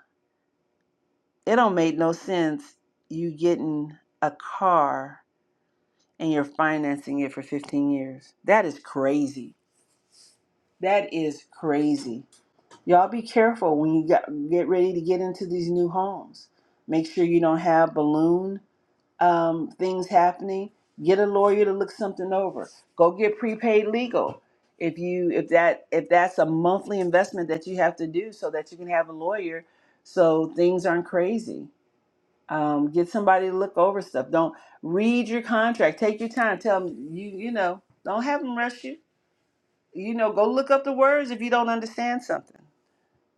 Speaker 1: It don't make no sense you getting a car and you're financing it for 15 years. That is crazy. That is crazy. Y'all be careful when you get, get ready to get into these new homes. Make sure you don't have balloon um, things happening. Get a lawyer to look something over. Go get prepaid legal. If you if that if that's a monthly investment that you have to do so that you can have a lawyer, so things aren't crazy. Um, get somebody to look over stuff. Don't read your contract. Take your time. Tell them you you know. Don't have them rush you. You know, go look up the words if you don't understand something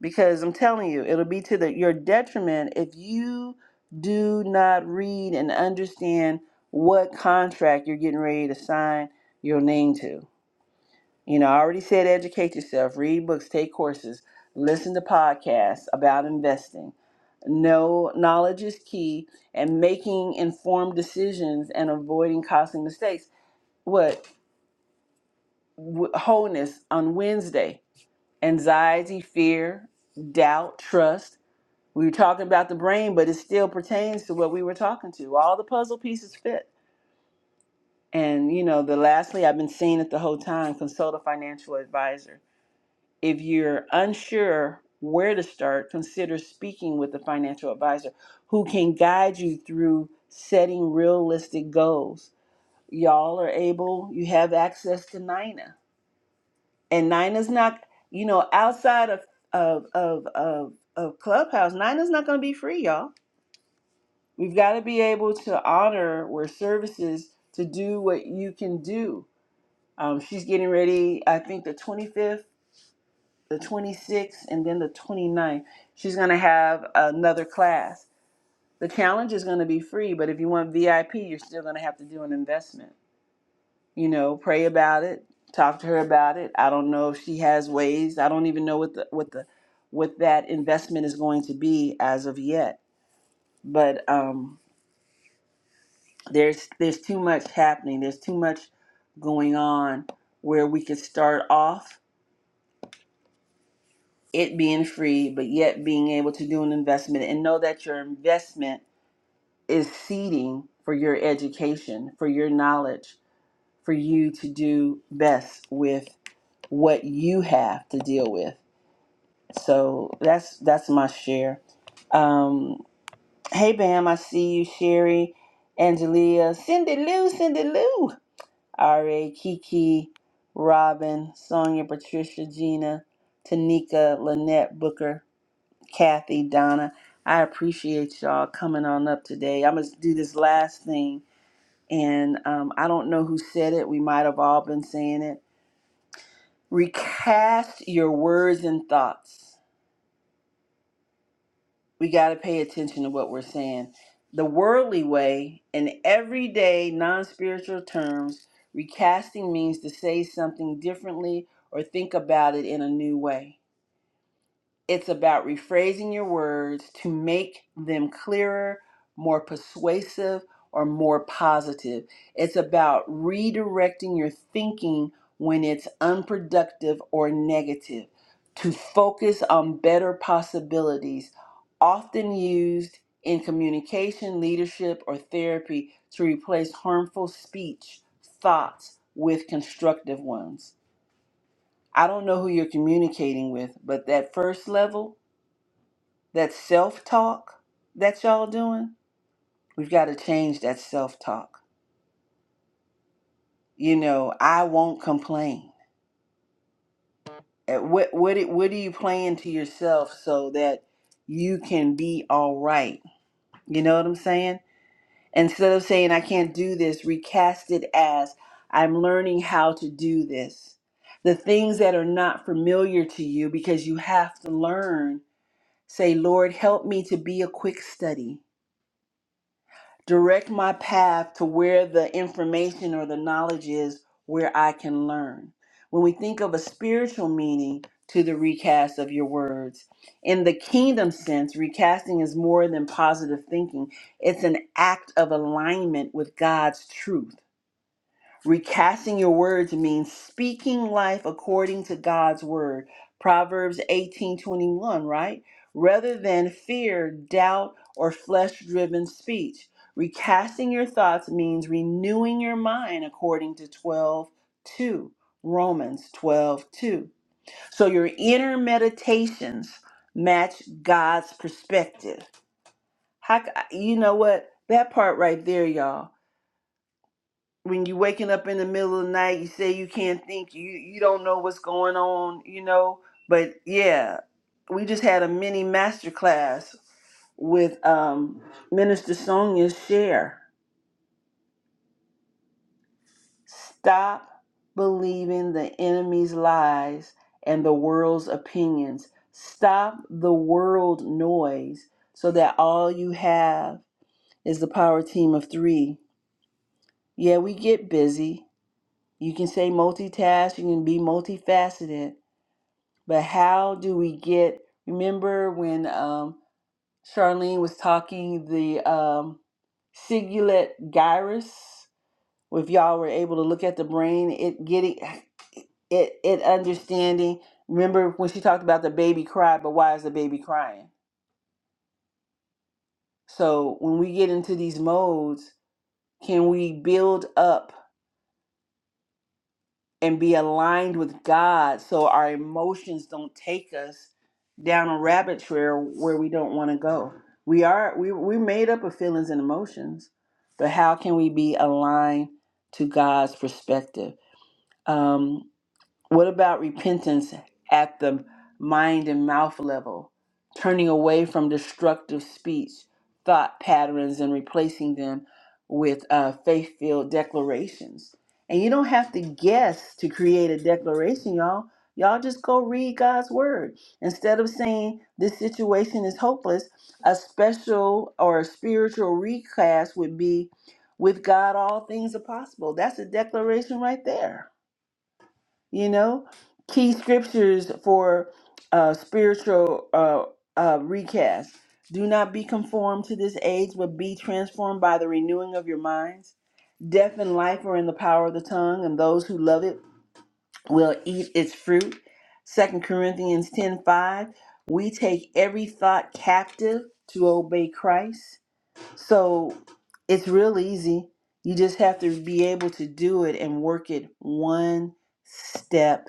Speaker 1: because I'm telling you, it'll be to the, your detriment if you do not read and understand what contract you're getting ready to sign your name to. You know, I already said educate yourself, read books, take courses, listen to podcasts about investing. Know knowledge is key and making informed decisions and avoiding costly mistakes. What wh- wholeness on Wednesday? Anxiety, fear, doubt, trust We were talking about the brain, but it still pertains to what we were talking to. All the puzzle pieces fit. And you know, the lastly, I've been seeing it the whole time. Consult a financial advisor. If you're unsure where to start, consider speaking with a financial advisor who can guide you through setting realistic goals. Y'all are able, you have access to Nina. And Nina's not, you know, outside of of of of, of Clubhouse, Nina's not gonna be free, y'all We've got to be able to honor where services to do what you can do. Um, she's getting ready, I think the 25th, the 26th, and then the twenty ninth. She's going to have another class. The challenge is going to be free, but if you want VIP, you're still going to have to do an investment. You know, pray about it, talk to her about it. I don't know if she has ways. I don't even know what the what the what that investment is going to be as of yet. But um, there's there's too much happening there's too much going on where we could start off it being free but yet being able to do an investment and know that your investment is seeding for your education for your knowledge for you to do best with what you have to deal with so that's that's my share um hey bam i see you sherry angelia cindy lou cindy lou RA, Kiki, Robin, Sonia, Patricia, Gina, Tanika, Lynette, Booker, Kathy, Donna. I appreciate y'all coming on up today. I'm going to do this last thing, and um, I don't know who said it. We might have all been saying it. Recast your words and thoughts. we got to pay attention to what we're saying. The worldly way, in everyday, non spiritual terms, recasting means to say something differently or think about it in a new way. It's about rephrasing your words to make them clearer, more persuasive, or more positive. It's about redirecting your thinking when it's unproductive or negative to focus on better possibilities, often used in communication, leadership, or therapy to replace harmful speech, thoughts with constructive ones. I don't know who you're communicating with, but that first level that self talk that y'all doing, we've got to change that self talk. You know, I won't complain. Uh, What what it- what are you playing to yourself so that you can be all right? You know what I'm saying? Instead of saying I can't do this, recast it as I'm learning how to do this. The things that are not familiar to you because you have to learn, say, Lord, help me to be a quick study. Direct my path to where the information or the knowledge is where I can learn. When we think of a spiritual meaning to the recast of your words, in the kingdom sense, recasting is more than positive thinking, it's an act of alignment with God's truth. Recasting your words means speaking life according to God's word. Proverbs 18:21, right? Rather than fear, doubt, or flesh-driven speech. Recasting your thoughts means renewing your mind according to 12:2. Romans 12:2. So your inner meditations match God's perspective. How c- you know what? That part right there, y'all when you waking up in the middle of the night, you say you can't think, you you don't know what's going on, you know. But yeah, we just had a mini masterclass with um, Minister Sonia Share. Stop believing the enemy's lies and the world's opinions. Stop the world noise so that all you have is the power team of three. Yeah, we get busy. You can say multitask, you can be multifaceted, But how do we get? Remember when um, Charlene was talking the um, cingulate gyrus? If y'all were able to look at the brain, it getting it it understanding. Remember when she talked about the baby cry, but why is the baby crying? So when we get into these modes, can we build up? and be aligned with God so our emotions don't take us down a rabbit trail where we don't want to go. We are we we made up of feelings and emotions, but how can we be aligned to God's perspective? Um. What about repentance at the mind and mouth level? Turning away from destructive speech, thought patterns, and replacing them with uh, faith filled declarations. And you don't have to guess to create a declaration, y'all. Y'all just go read God's word. Instead of saying this situation is hopeless, a special or a spiritual recast would be with God, all things are possible. That's a declaration right there you know key scriptures for uh spiritual uh, uh recast do not be conformed to this age but be transformed by the renewing of your minds death and life are in the power of the tongue and those who love it will eat its fruit second corinthians 10 5: we take every thought captive to obey christ so it's real easy you just have to be able to do it and work it one step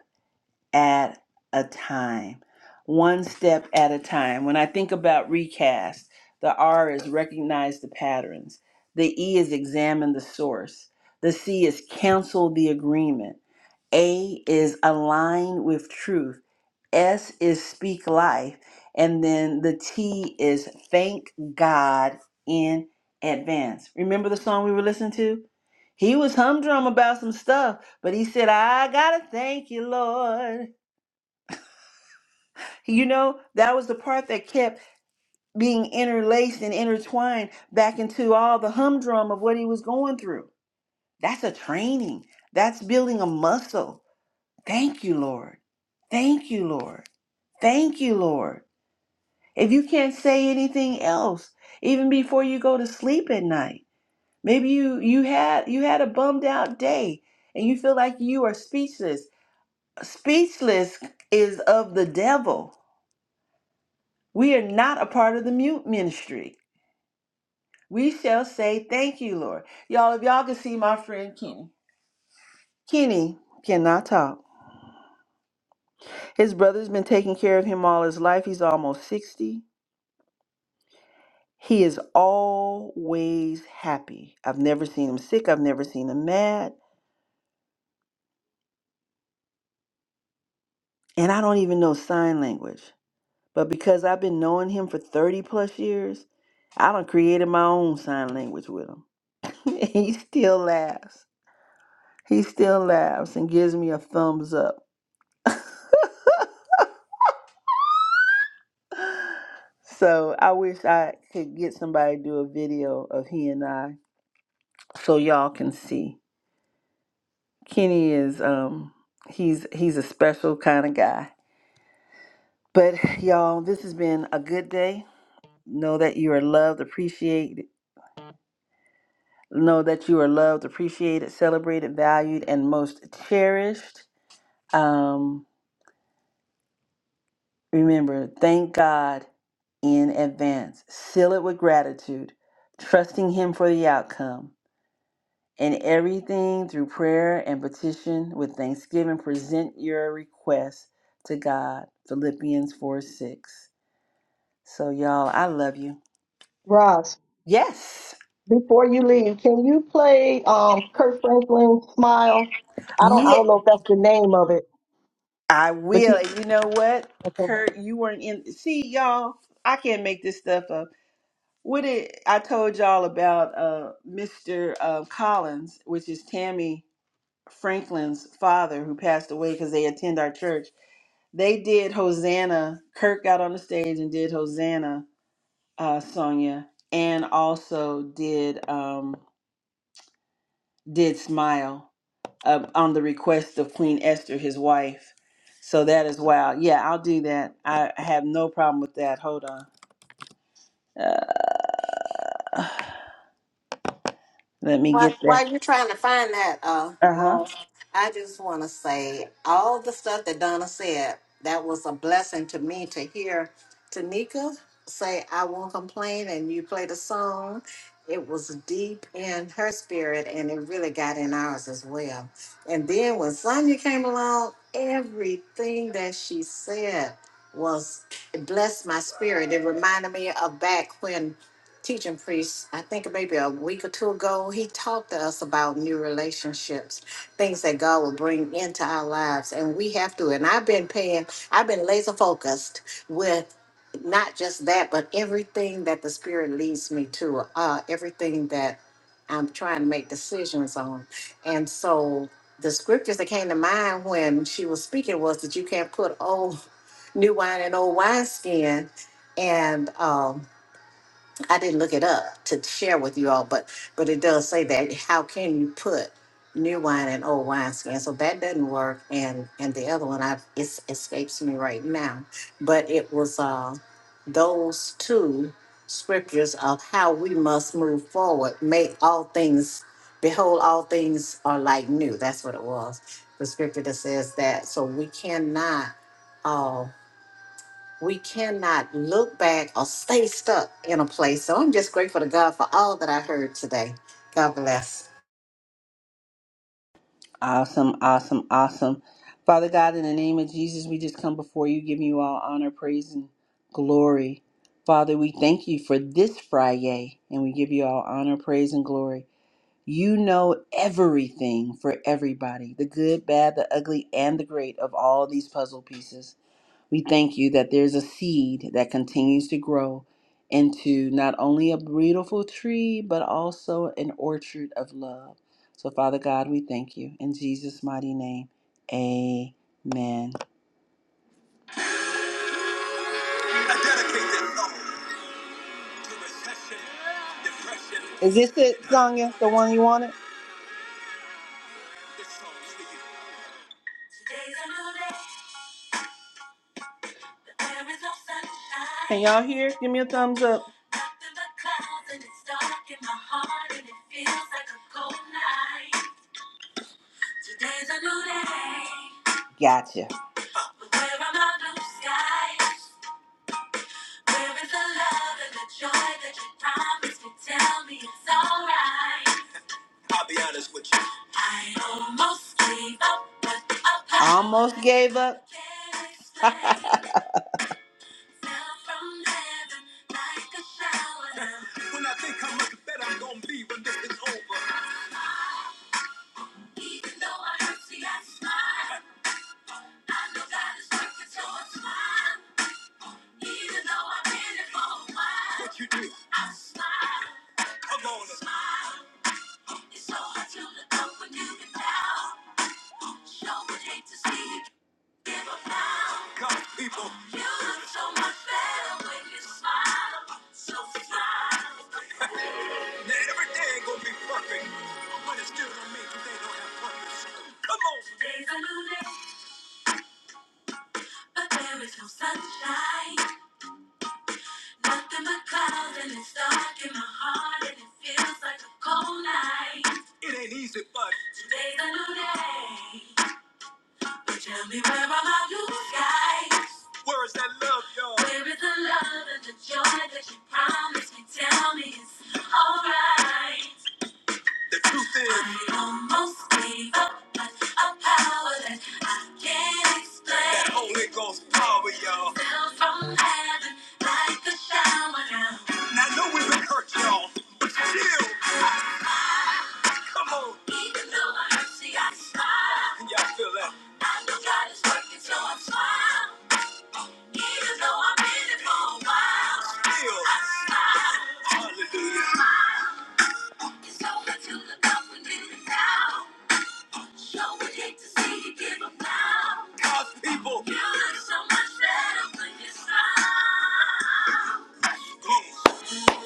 Speaker 1: at a time, one step at a time. When I think about recast, the R is recognize the patterns, the E is examine the source, the C is cancel the agreement, A is align with truth, S is speak life, and then the T is thank God in advance. Remember the song we were listening to? He was humdrum about some stuff, but he said, I gotta thank you, Lord. You know, that was the part that kept being interlaced and intertwined back into all the humdrum of what he was going through. That's a training, that's building a muscle. Thank you, Lord. Thank you, Lord. Thank you, Lord. If you can't say anything else, even before you go to sleep at night, maybe you you had you had a bummed out day and you feel like you are speechless. Speechless is of the devil. We are not a part of the mute ministry. We shall say thank you, Lord. Y'all, if y'all can see my friend Kenny. Kenny cannot talk. His brother's been taking care of him all his life. He's almost 60. He is always happy. I've never seen him sick. I've never seen him mad. And I don't even know sign language. But because I've been knowing him for 30 plus years, I done created my own sign language with him. And he still laughs. He still laughs and gives me a thumbs up. So I wish I could get somebody to do a video of he and I so y'all can see. Kenny is um he's he's a special kind of guy. But y'all, this has been a good day. Know that you are loved, appreciated. Know that you are loved, appreciated, celebrated, valued, and most cherished. Um, remember, thank God in advance. Seal it with gratitude, trusting Him for the outcome In everything, through prayer and petition with thanksgiving, present your requests to God. Philippians 4 6. So, y'all, I love you.
Speaker 10: Roz,
Speaker 1: Yes.
Speaker 10: before you leave, can you play um Kurt Franklin's Smile? I don't I
Speaker 1: Yeah,
Speaker 10: don't know if that's the name of it,
Speaker 1: I
Speaker 10: but
Speaker 1: will. And You know what,
Speaker 10: you
Speaker 1: Kurt, you weren't in. See, y'all, I can't make this stuff up. What it, I told y'all about uh, Mr. Uh, Collins, which is Tammy Franklin's father who passed away because they attend our church They did Hosanna. Kirk got on the stage and did Hosanna, uh, Sonia, and also did um, did Smile uh, on the request of Queen Esther, his wife. So that is wild. Yeah, I'll do that. I I have no problem with that. Hold on. Uh, let me
Speaker 11: While,
Speaker 1: get that.
Speaker 11: while you're trying to find that, uh,
Speaker 1: Uh huh.
Speaker 11: Ross, I just want to say all the stuff that Donna said, that was a blessing to me to hear Tanika say, I won't complain, and you played a song. It was deep in her spirit, and it really got in ours as well. And then when Sonya came along, everything that she said was, it blessed my spirit. It reminded me of back when teaching priest, I think maybe a week or two ago, he talked to us about new relationships, things that God will bring into our lives. And we have to, and I've been paying, I've been laser focused with not just that, but everything that the Spirit leads me to, uh, everything that I'm trying to make decisions on. And so the scriptures that came to mind when she was speaking was that you can't put old new wine in old wineskin. And um I didn't look it up to share with you all, but but it does say that how can you put new wine in old wineskin? So that doesn't work. And and the other one, I it escapes me right now, but it was uh, those two scriptures of how we must move forward. Make all things behold, all things are like new. That's what it was. The scripture that says that. So we cannot. uh, we cannot look back or stay stuck in a place. So I'm just grateful to God for all that I heard today. God bless.
Speaker 1: Awesome, awesome, awesome. Father God, in the name of Jesus, we just come before you, giving you all honor, praise, and glory. Father, we thank you for this Friday, and we give you all honor, praise, and glory. You know everything for everybody the good, bad, the ugly, and the great of all these puzzle pieces. We thank you that there's a seed that continues to grow into not only a beautiful tree, but also an orchard of love. So, Father God, we thank you. In Jesus' mighty name, amen. Is this it, Sonya? The one you wanted? Can y'all hear? Give me a thumbs up. Today's a new day. Gotcha. We're under blue skies. Where is the love and the joy that you promised me? Tell me it's alright. I Almost gave up. but up high. Almost gave up. Now from heaven, like a shower. When I think how much better I'm gonna be when this is over. Even though I hurt, see, I smile. I know God is working, so I Even though I've been here for a while. What you do? I smile. Come on. Smile. It's so hard to look up when you've been down. Sure would hate to see you Give up now. God, people. You look so much better when you smile. So smile. Not every day ain't gonna be perfect, but it's still gonna mean that they don't have purpose. Come on. Days are new day, but there is no sunshine. Nothing but clouds, and it's dark in my heart, and it feels like a cold night. It ain't easy, but today's a new day. Tell me where are my blue skies? Where is that love, y'all? Where is the love and the joy that you promised me? Tell me it's alright. The truth is, I almost gave up, but a power that I can't explain. That Holy Ghost power, y'all. Fell from heaven like a shower now. Now I know we've been hurt, y'all, but still. Come on. Even though I see, I smile. Can y'all feel that? I know God is working, so I smile. Even though I've been it for a while. Still. I smile. Hallelujah. It's over to the up and in it now. Sure would hate to see you give up now. God's people. You look so much better when you smile. Smile for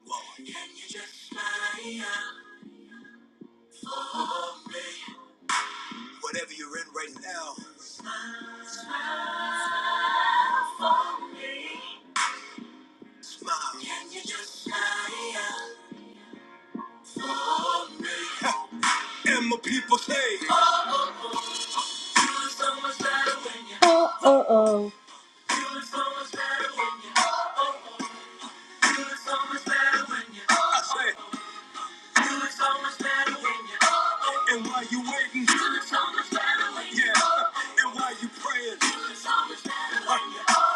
Speaker 1: Yes. Can you just smile? Whatever you're in right now, smile. Can you just smile for me? And my people say, Oh, it's so much better when you do it so much better when you do it so much better when you I say, do so much better when you And while you waiting, do so much better when you Yeah, and while you praying, do so much better when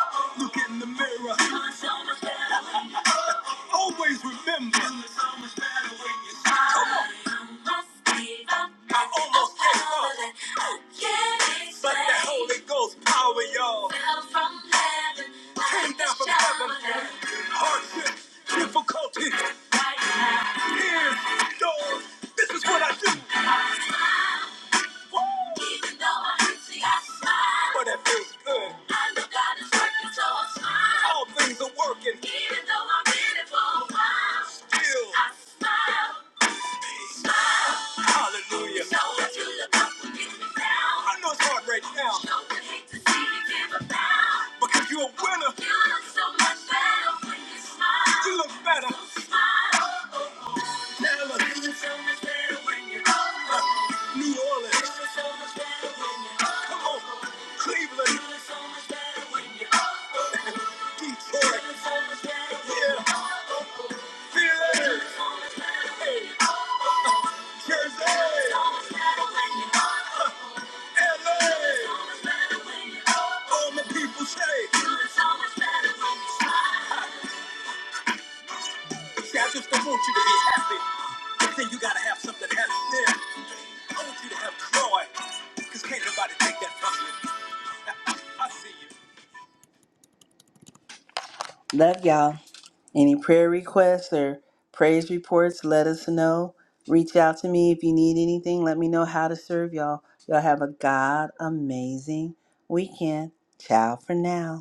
Speaker 1: you Look in the mirror, do so much better when you. always remember. Come on. I almost gave up. But that Holy Ghost power, y'all. Came down from heaven. Hardship, difficulty, tears, storms. This is what I do. Even though I'm hurting, I smile. But that feels good. I know God is working, so I smile. All things are working. Even though I'm in it for a while. Still. I smile. Smile. Hallelujah. So if you look up will get me down. I know it's hard right now. Sure would hate to see you give up now. Because you're a winner. You look so much better when you smile. You look better. So smile. Oh, oh, oh. Now look. You look so much better when you smile. New Orleans. It's just so much better when you come on. Cleveland. It's so much better when you Detroit. It's so much better when you yeah. Philly. It's so much better when you Jersey. It's so much better when you uh, LA. It's so much better when you All my people say. It's so much better when you smile. See, I just don't want you to be happy. But then you gotta have something happy there. I want you to have joy. Cause can't nobody take that from you. I see you. Love y'all. Any prayer requests or praise reports, let us know. Reach out to me if you need anything. Let me know how to serve y'all. Y'all have a God amazing weekend. Ciao for now.